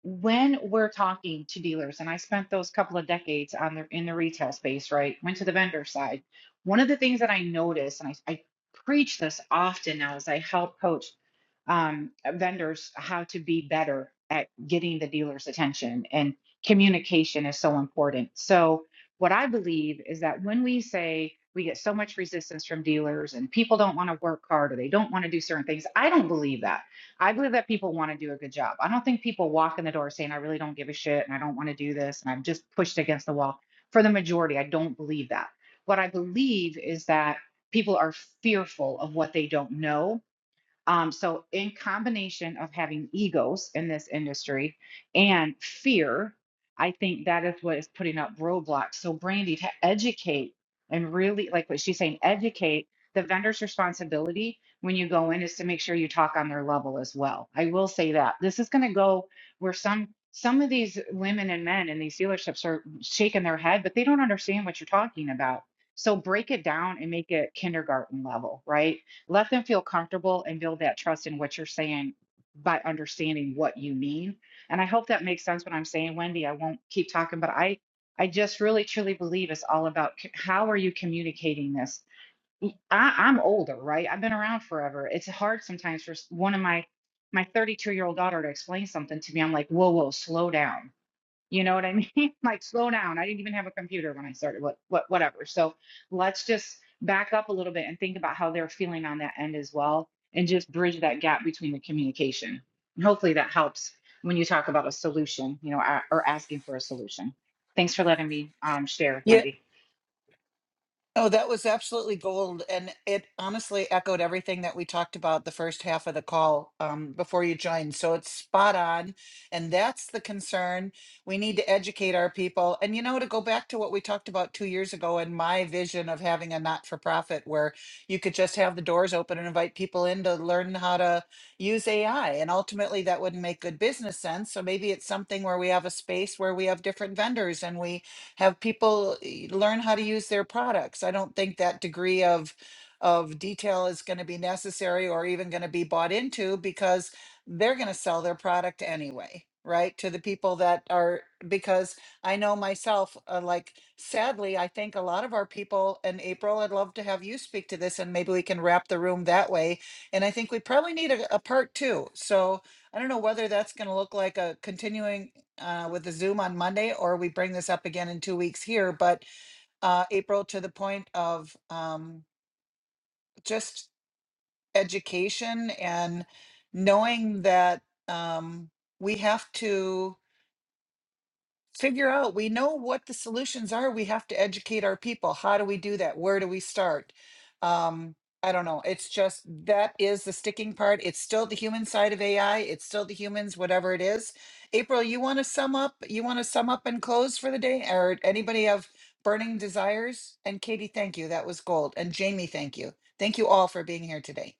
when we're talking to dealers, and I spent those couple of decades on the in the retail space, right? Went to the vendor side. One of the things that I noticed, and I, I preach this often now as I help coach um, uh, vendors how to be better at getting the dealer's attention, and communication is so important. So, what I believe is that when we say we get so much resistance from dealers and people don't want to work hard or they don't want to do certain things, I don't believe that. I believe that people want to do a good job. I don't think people walk in the door saying, I really don't give a shit and I don't want to do this and I'm just pushed against the wall. For the majority, I don't believe that. What I believe is that people are fearful of what they don't know um, so, in combination of having egos in this industry and fear, I think that is what is putting up roadblocks. So, Brandy, to educate and really, like what she's saying, educate the vendor's responsibility when you go in is to make sure you talk on their level as well. I will say that this is going to go where some some of these women and men in these dealerships are shaking their head, but they don't understand what you're talking about. So break it down and make it kindergarten level, right? let them feel comfortable and build that trust in what you're saying by understanding what you mean. And I hope that makes sense what I'm saying, Wendy. I won't keep talking, but I I just really truly believe it's all about c- how are you communicating this. i I, I'm older, right? I've been around forever. It's hard sometimes for s- one of my my 32 year old daughter to explain something to me. I'm like, whoa, whoa, slow down you know what I mean? [LAUGHS] Like, slow down. I didn't even have a computer when I started. What, what, whatever. So let's just back up a little bit and think about how they're feeling on that end as well, and just bridge that gap between the communication. And hopefully that helps when you talk about a solution, you know, a- or asking for a solution. Thanks for letting me um, share, Wendy.
Oh, that was absolutely gold. And it honestly echoed everything that we talked about the first half of the call um, before you joined. So it's spot on. And that's the concern. We need to educate our people. And, you know, to go back to what we talked about two years ago and my vision of having a not for profit where you could just have the doors open and invite people in to learn how to use AI. And ultimately, that wouldn't make good business sense. So maybe it's something where we have a space where we have different vendors and we have people eh, learn how to use their products. I don't think that degree of of detail is going to be necessary or even going to be bought into because they're going to sell their product anyway, right? To the people that are because I know myself uh, like sadly, I think a lot of our people and April, I'd love to have you speak to this and maybe we can wrap the room that way. And I think we probably need a, a part two. So I don't know whether that's going to look like a continuing uh, with the Zoom on Monday, or we bring this up again in two weeks here. But uh, April, to the point of um, just education and knowing that um, we have to figure out we know what the solutions are we have to educate our people how do we do that where do we start um i don't know it's just that is the sticking part it's still the human side of ai it's still the humans whatever it is april you want to sum up you want to sum up and close for the day or anybody have burning desires and katie thank you that was gold and jamie thank you thank you all for being here today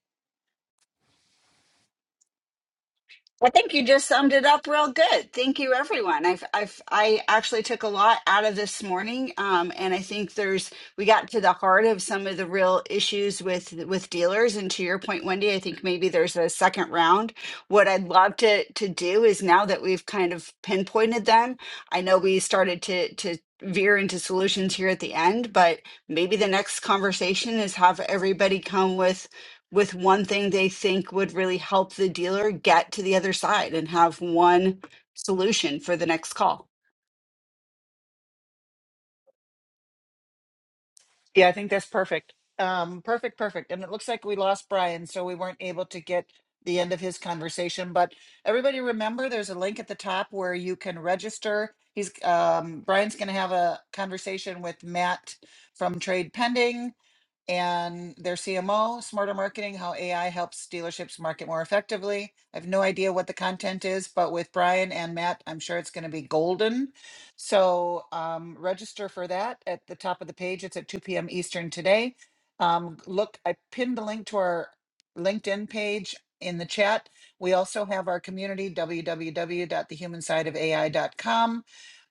I think you just summed it up real good. Thank you, everyone. I've, I've, I actually took a lot out of this morning, um, and I think there's we got to the heart of some of the real issues with with dealers. And to your point, Wendy, I think maybe there's a second round. What I'd love to to do is now that we've kind of pinpointed them, I know we started to to veer into solutions here at the end, but maybe the next conversation is have everybody come with with one thing they think would really help the dealer get to the other side and have one solution for the next call.
Yeah, I think that's perfect. Um, perfect, perfect. And it looks like we lost Brian, so we weren't able to get the end of his conversation. But everybody remember there's a link at the top where you can register. He's um Brian's gonna have a conversation with Matt from Trade Pending and their CMO, Smarter Marketing, how AI helps dealerships market more effectively. I have no idea what the content is, but with Brian and Matt, I'm sure it's going to be golden. So um, register for that at the top of the page. It's at 2 p.m. Eastern today. Um, look, I pinned the link to our LinkedIn page in the chat. We also have our community, w w w dot the human side of a i dot com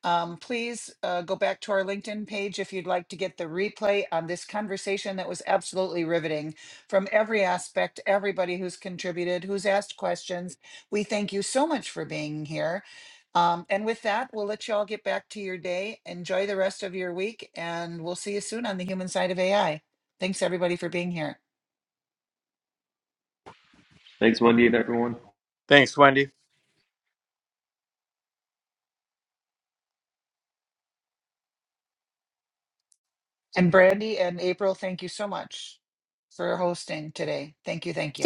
um, please uh, go back to our LinkedIn page if you'd like to get the replay on this conversation that was absolutely riveting from every aspect, everybody who's contributed, who's asked questions. We thank you so much for being here. Um, and with that, we'll let you all get back to your day. Enjoy the rest of your week, and we'll see you soon on the human side of AI. Thanks, everybody, for being here.
Thanks, Wendy, and everyone.
Thanks, Wendy.
And Brandy and April, thank you so much for hosting today. Thank you. Thank you.